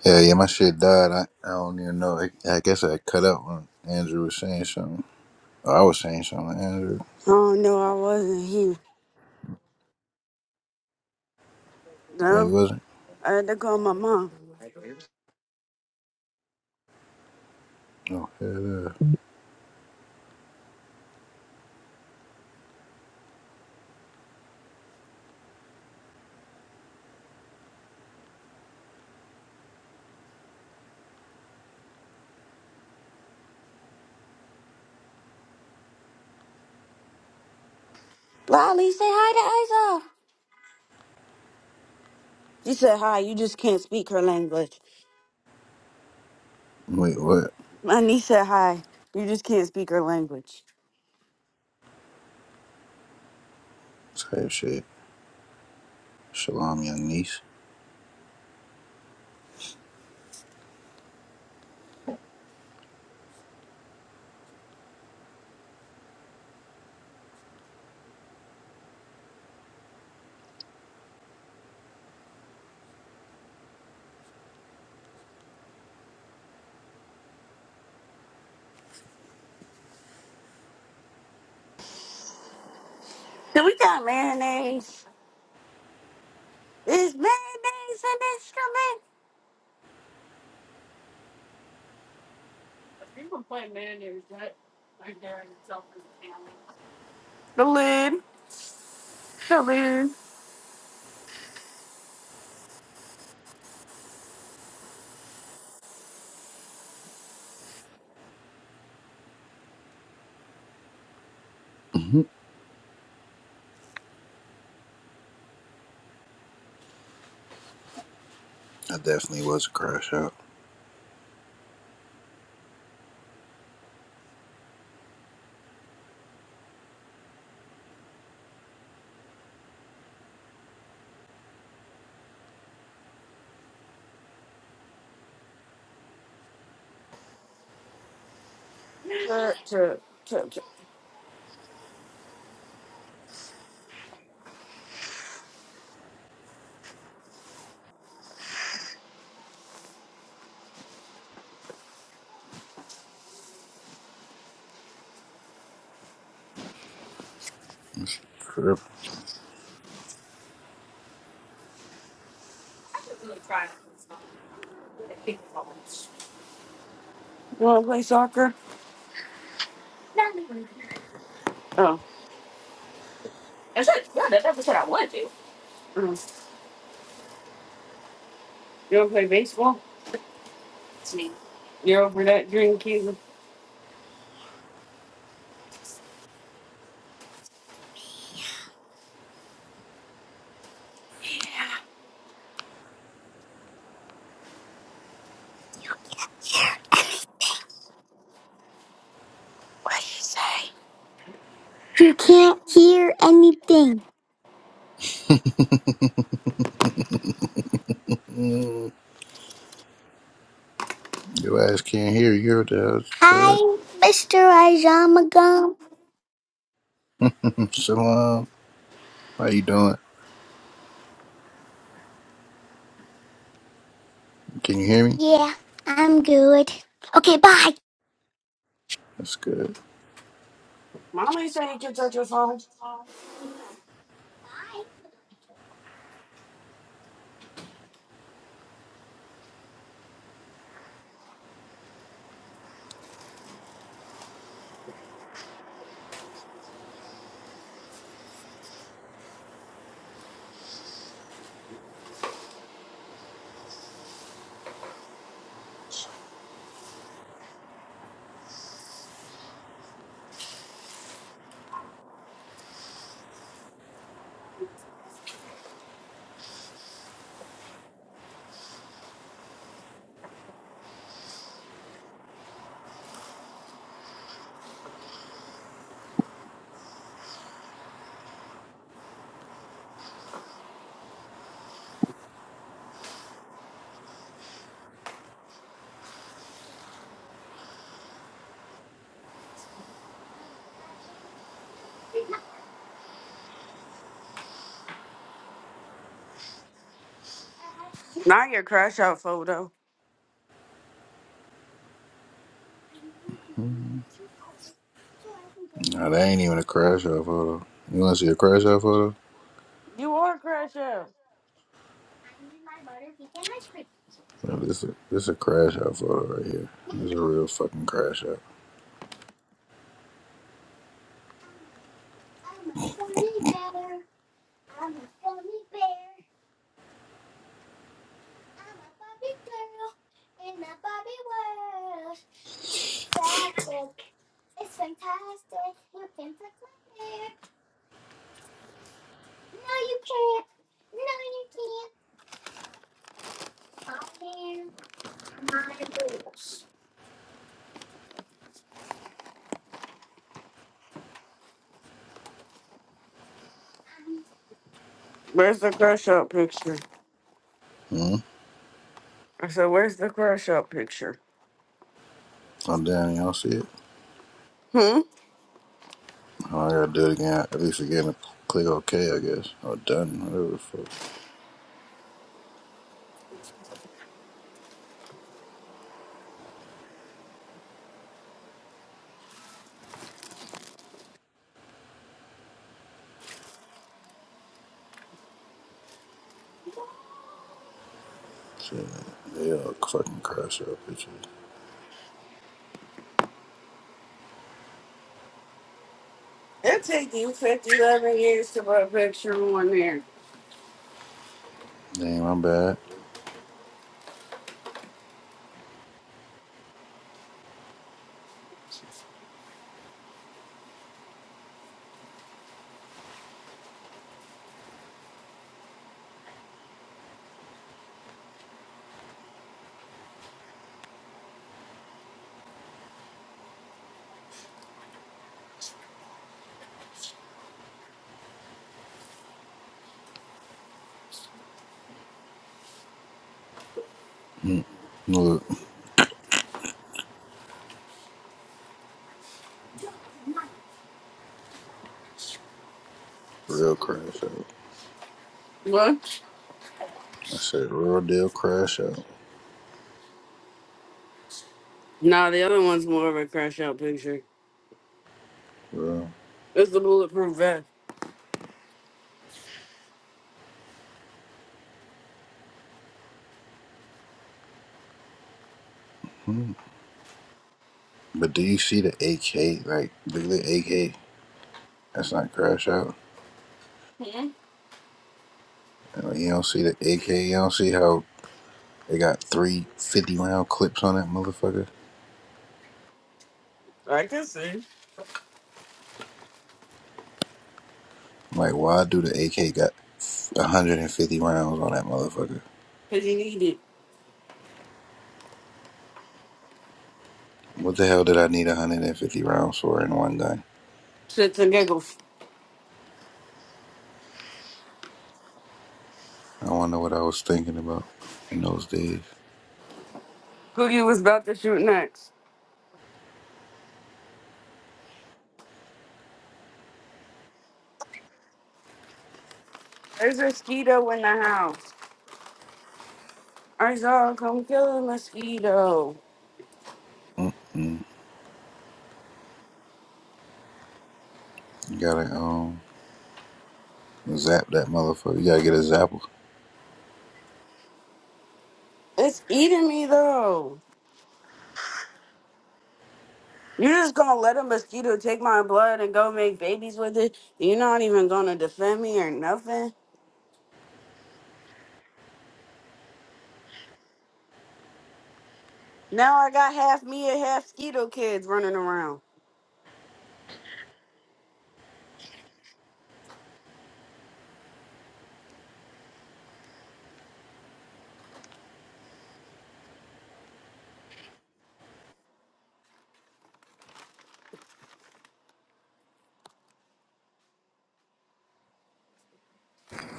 S4: Yeah, yeah, my shit died. I, I don't even know. I, I guess I cut out when Andrew was saying something. Oh, I was saying something, to Andrew.
S1: Oh no, I wasn't here.
S4: Or
S1: No,
S4: you wasn't?
S1: I had to call my mom.
S4: Oh, hell yeah.
S1: Lolly, say hi to Isa. She said hi. You just can't speak her language.
S4: Wait, what?
S1: My niece said hi. You just can't speak her language.
S4: Type shit. Shalom, young niece.
S1: He said that. You want
S4: hmm I definitely was a crash out. It's a Trip.
S1: to play soccer? You don't play baseball? See You're over that dream, Keegan. what you say?
S4: Mm, your ass can't hear you. Heard that shit. Shalom. How you doing? Can you hear me? That's good.
S1: Mommy say not your crash out photo.
S4: Mm. Nah, that ain't even a crash out photo. You want to see a crash out photo?
S1: You are crash out.
S4: Oh, this is this is a crash out photo right here. This is a real fucking crash out.
S1: Where's the crash out picture?
S4: Hmm?
S1: I said, Where's the crash out picture?
S4: I'm down. Y'all see it?
S1: Hmm?
S4: Oh, I gotta do it again. At least again, to click OK, I guess. Or done. Whatever the fuck. Shit. They all fucking crash out pictures. Damn, my bad. Hmm. Look, real crash out.
S1: What?
S4: I said real deal crash out.
S1: Nah, the other one's more of a crash out picture.
S4: Bro,
S1: It's the bulletproof vest.
S4: hmm. But do you see the AK? Like, look at the AK. That's not crash out.
S1: Hmm?
S4: And, like, you don't see the AK. You don't see how they got three fifty round clips on that motherfucker. Like, why do the AK got 150 rounds on that motherfucker?
S1: Cause you need it.
S4: What the hell did I need 150 rounds for in one gun?
S1: Shits and giggles.
S4: I wonder what I was thinking about in those days.
S1: Who you was about to shoot next? There's a mosquito in the house. I saw come kill a mosquito.
S4: Mm-mm. You gotta um zap that motherfucker. You gotta get a zapper.
S1: It's eating me though. You're just gonna let a mosquito take my blood and go make babies with it. You're not even gonna defend me or nothing. Now I got half me and half mosquito kids running around.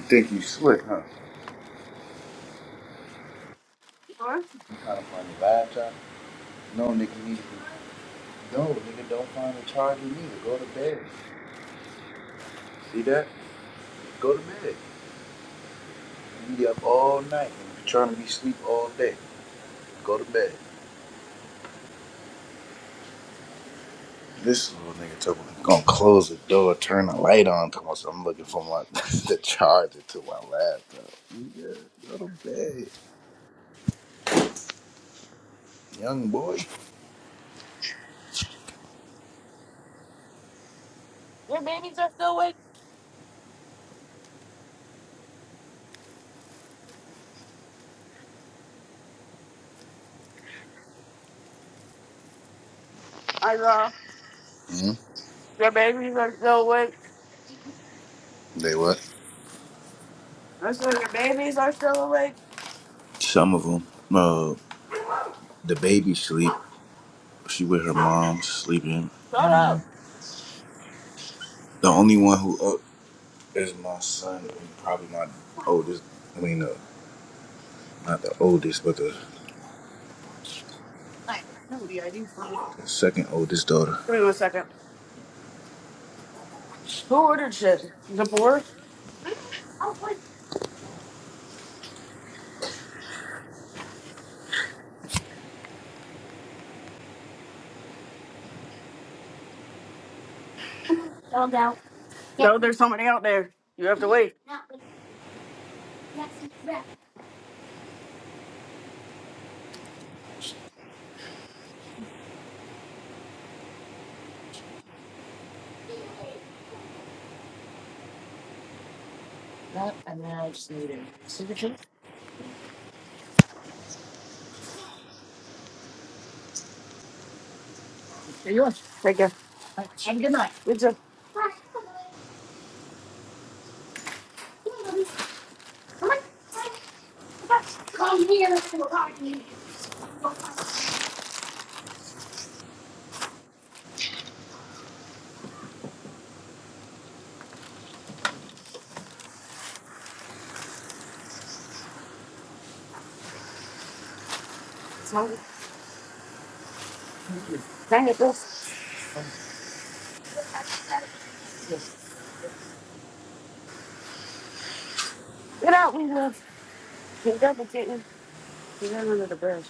S4: Think you slick, huh? You trying to find your laptop? No, nigga. you need to be No, nigga, don't find a charger neither. Go to bed. See that? Go to bed. You be up all night and be trying to be sleep all day. Go to bed. This little nigga talking about gonna close the door, turn the light on. Talking about I'm looking for my the charger to my laptop. Nigga, go to bed, young boy.
S1: Your babies are still awake. I know.
S4: hmm
S1: Your babies are still awake.
S4: They what?
S1: That's why your babies are still awake.
S4: Some of them. Uh, the baby sleep. She with her mom sleeping,
S1: Shut
S4: and
S1: up.
S4: then the only one who up is my son and probably my oldest. I mean, uh, Not the oldest, but the, the second oldest daughter.
S1: No, there's somebody out there. You have to wait. And good night. It's hungry. Dang it, this. Get out, we love. Get double and get in. Get in under the bed.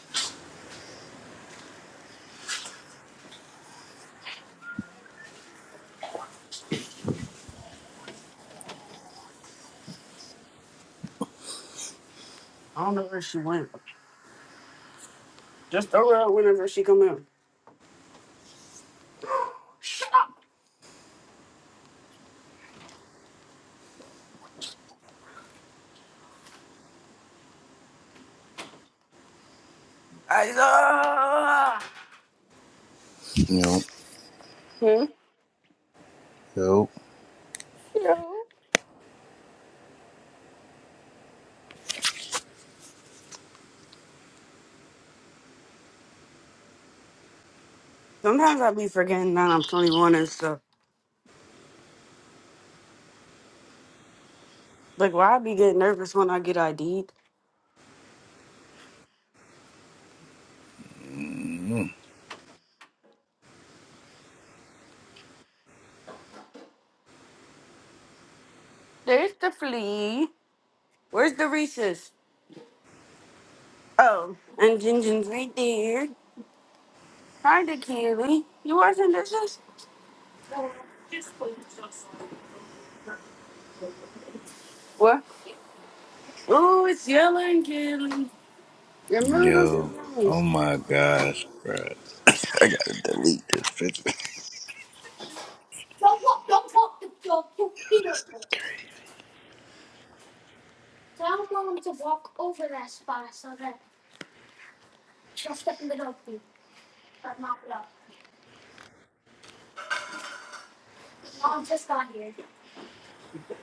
S1: Just throw her out whenever she come out.
S4: Yo, yo,
S1: Sometimes I be forgetting that I'm 21 and stuff. Like, why I be getting nervous when I get ID'd?
S4: Mm,
S1: There's the flea. Where's the Reese's? Oh, and Jinjin's right there. Hi, the Kelly. You watching this? is- What? Oh, it's yelling, Kelly. Your noodles is
S4: Yo, oh
S1: nice.
S4: my gosh, bro. I gotta delete this picture. Yo, this is crazy.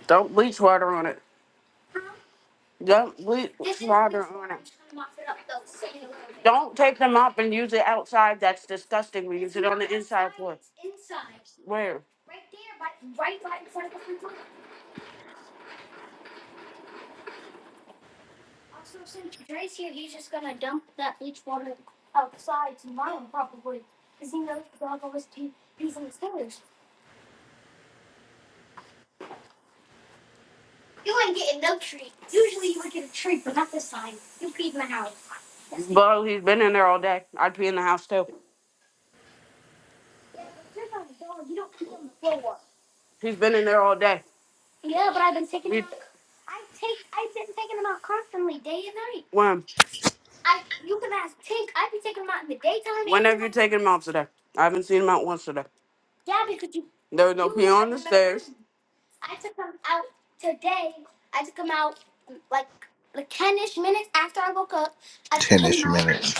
S1: Don't bleach water on it. Don't bleach water on it. Don't take them up and use it outside. That's disgusting. We use it on the inside floor. Where? Bo, he's been in there all day. I'd be in the house too. He's been in there all day. We out. when when have you taken them out today? I haven't seen them out once today. There was no pee on the stairs.
S4: 10 ish minutes.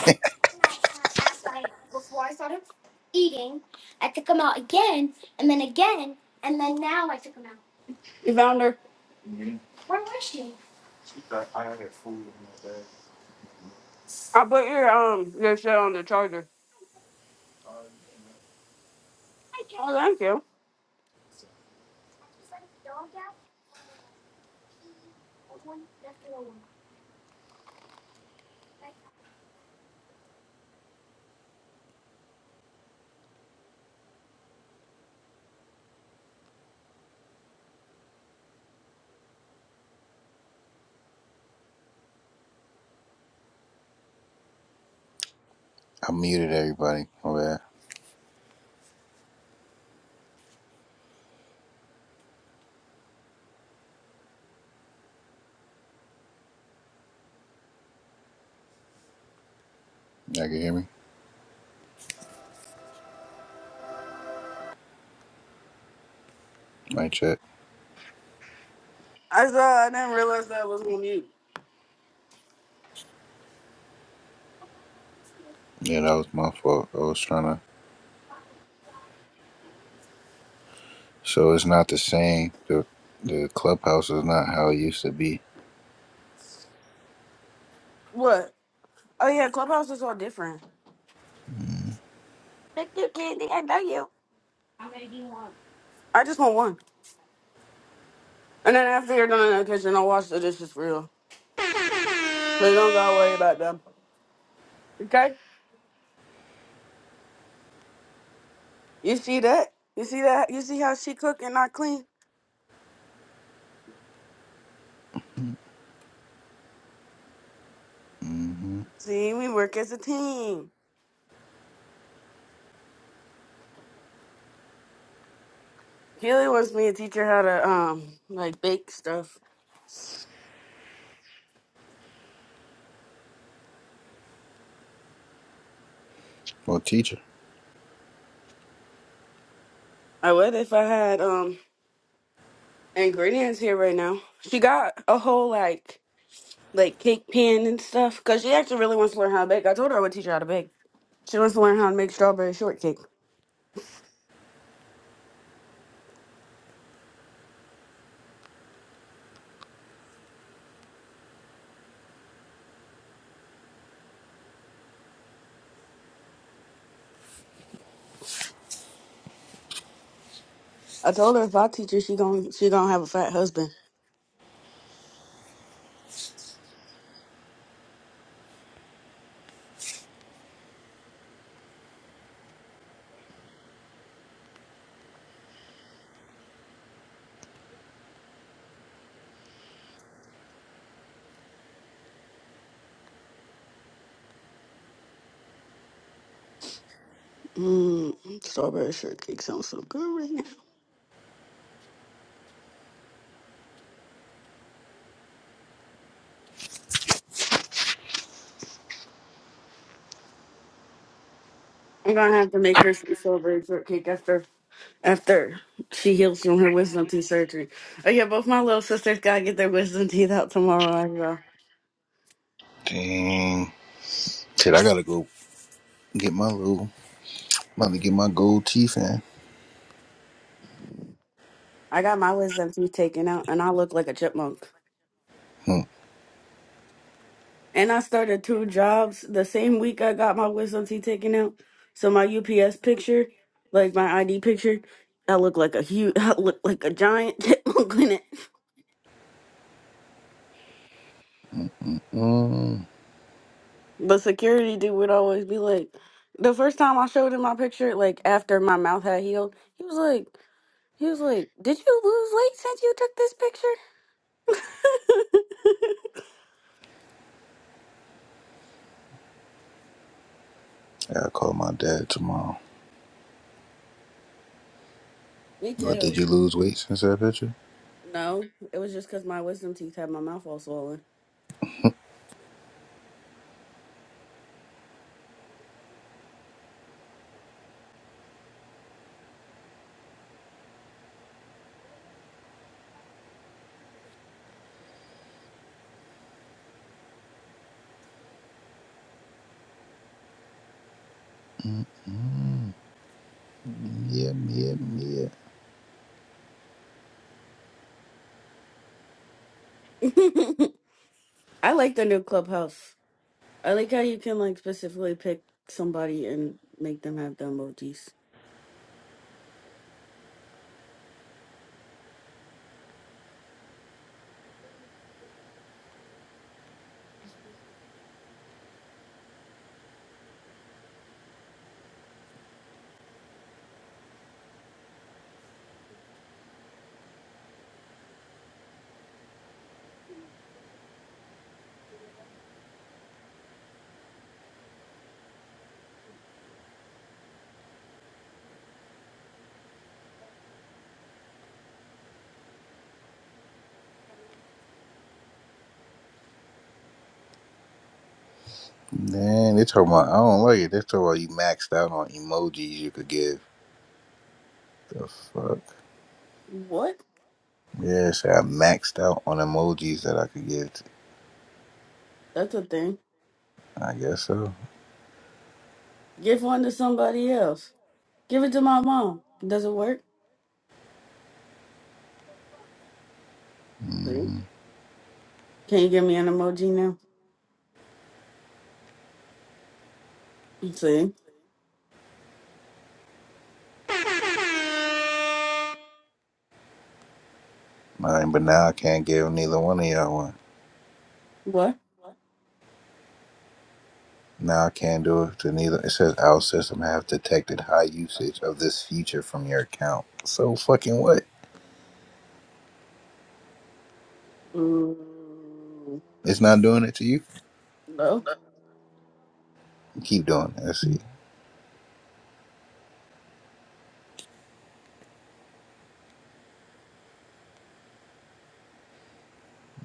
S1: I put your um your shit on the charger. Oh, thank you.
S4: I muted everybody. Oh, yeah. Y'all can hear me? Mic check.
S1: I saw. I didn't realize that was on you.
S4: Yeah, that was my fault. I was trying to. So it's not the same. The, the clubhouse is not how it used to be.
S1: What? Oh yeah, Clubhouse is all different. Thank you, Candy. I know you. I'm gonna do one. I just want one. And then after you're done in the kitchen, I'll wash the dishes for you. So you don't gotta worry about them. Okay? You see that? You see that? You see how she cook and not clean?
S4: Mm-hmm.
S1: See, we work as a team. Keely wants me to teach her how to um like bake stuff.
S4: Well, teacher.
S1: I would if I had um ingredients here right now. She got a whole like like cake pan and stuff because she actually really wants to learn how to bake. I told her I would teach her how to bake. She wants to learn how to make strawberry shortcake. I told her if I teach her, she gon' she gonna have a fat husband. Mmm, strawberry shortcake sounds so good right now. I'm gonna have to make her some strawberry shortcake after after she heals from her wisdom teeth surgery. Oh yeah, both my little sisters gotta get their wisdom teeth out tomorrow as well.
S4: Dang. Shit, I gotta go get my little. I'm about to get my gold teeth in.
S1: I got my wisdom teeth taken out and I look like a chipmunk.
S4: Hmm.
S1: And I started two jobs the same week I got my wisdom teeth taken out. So my UPS picture, like my ID picture, I look like a huge I look like a giant chipmunk in it.
S4: Mm.
S1: But security dude would always be like the first time I showed him my picture, like after my mouth had healed, he was like He was like, Did you lose weight since you took this picture?
S4: I gotta call my dad tomorrow.
S1: Me
S4: What, did
S1: too.
S4: you lose weight since that picture?
S1: No, it was just because my wisdom teeth had my mouth all swollen.
S4: Mm. mm. Yeah, yeah, yeah.
S1: I like the new clubhouse. I like how you can like specifically pick somebody and make them have the emojis.
S4: Man, they talking about, I don't like it. They talking about you maxed out on emojis you could give. The fuck?
S1: What?
S4: Yeah, so I maxed out on emojis that I could give. To,
S1: That's a thing.
S4: I guess so.
S1: Give one to somebody else. Give it to my mom. Does it work? See?
S4: Mm-hmm.
S1: Can you give me an emoji now? See?
S4: but now I can't give neither one of y'all one.
S1: What?
S4: Now I can't do it to neither. It says our system have detected high usage of this feature from your account. So fucking what? It's not doing it to you?
S1: No.
S4: Keep doing that shit.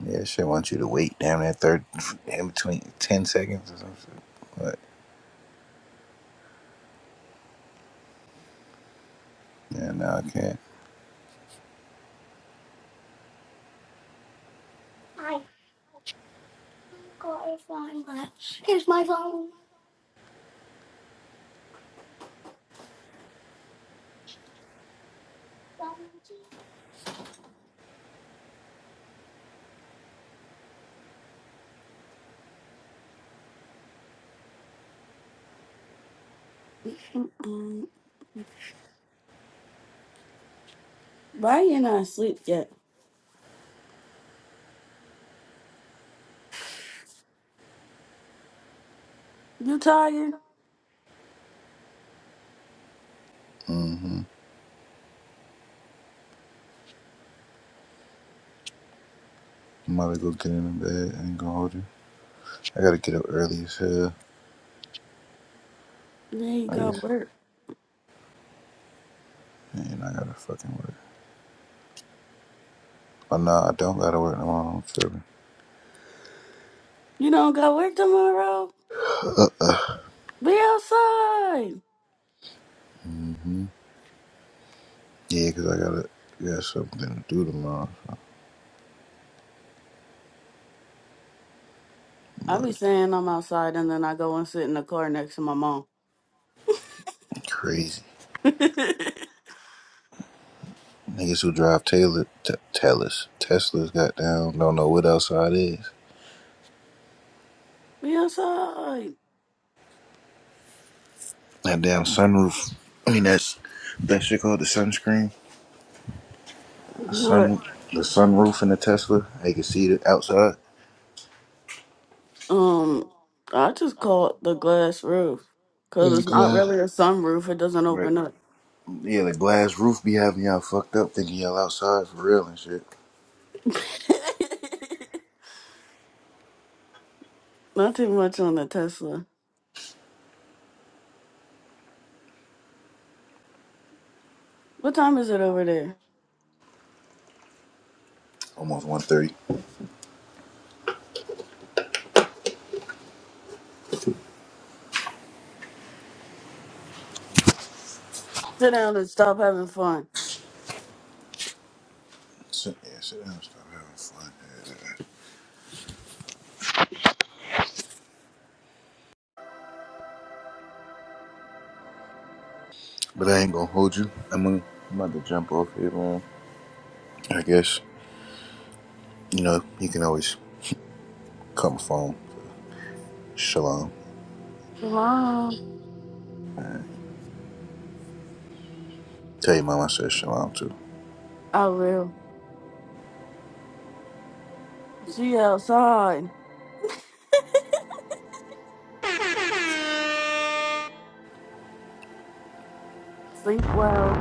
S4: Yeah, shit want you to wait damn that third in between ten seconds or some shit. But yeah, now I can't.
S1: Um, why you not asleep yet? You tired?
S4: Mm-hmm. I'm about to go get in the bed and go hold you. I gotta get up early as hell.
S1: Then you
S4: I guess,
S1: got work.
S4: and I gotta fucking work. But no, I don't gotta work tomorrow. I'm tripping.
S1: You don't got work tomorrow? Be outside.
S4: Mm-hmm. Yeah, 'cause I gotta got something to do tomorrow.
S1: I be
S4: But
S1: saying I'm outside and then I go and sit in the car next to my mom.
S4: crazy niggas who drive Taylor t- Telus Teslas got down. Don't know what outside is.
S1: Be outside.
S4: That damn sunroof. I mean, that's that shit called the sunscreen. The
S1: What?
S4: sun, the sunroof in the Tesla. They can see it outside.
S1: Um, I just call it the glass roof because
S4: Yeah,
S1: it's not
S4: glass.
S1: really a sunroof. It doesn't
S4: Right.
S1: open up.
S4: Yeah, the glass roof be having y'all fucked up, thinking y'all outside for real and shit.
S1: not too much on the Tesla. What time is it over there?
S4: Almost one thirty.
S1: Sit down and stop having fun.
S4: Sit, yeah, sit down, stop having fun. Yeah. But I ain't gonna hold you. I'm gonna, I'm about to jump off here, man. I guess you know you can always call my phone. Shalom.
S1: Tomorrow,
S4: Tell your mom I said shalom too.
S1: I will. See you outside. Sleep well.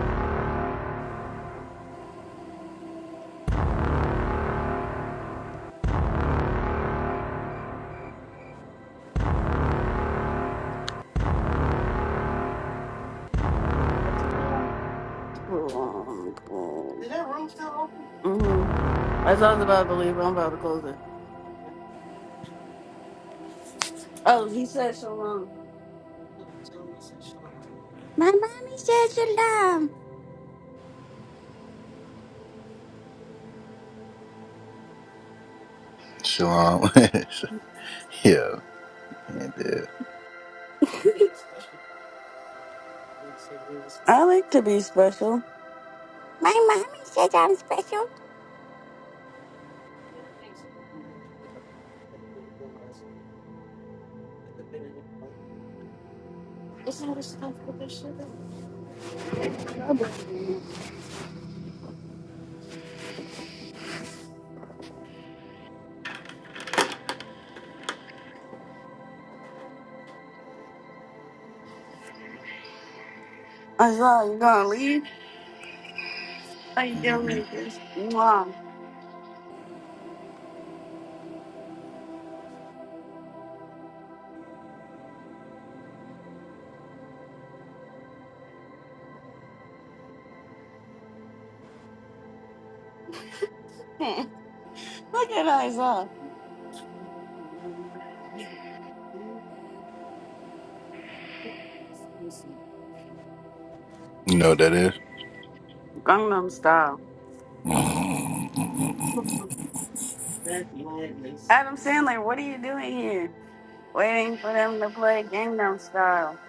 S1: Mm-hmm. That's I was about to leave. I'm about to close it. Oh, he said shalom. My mommy said shalom.
S4: Shalom. yeah. And, uh,
S1: I like to be special. I saw you gonna leave. Are you gonna
S4: Mm-hmm.
S1: this? Mom. Look at Isaiah.
S4: You know what that is?
S1: Gangnam style. Adam Sandler, what are you doing here? Waiting for them to play Gangnam style.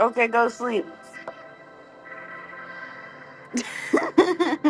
S1: Okay, go sleep.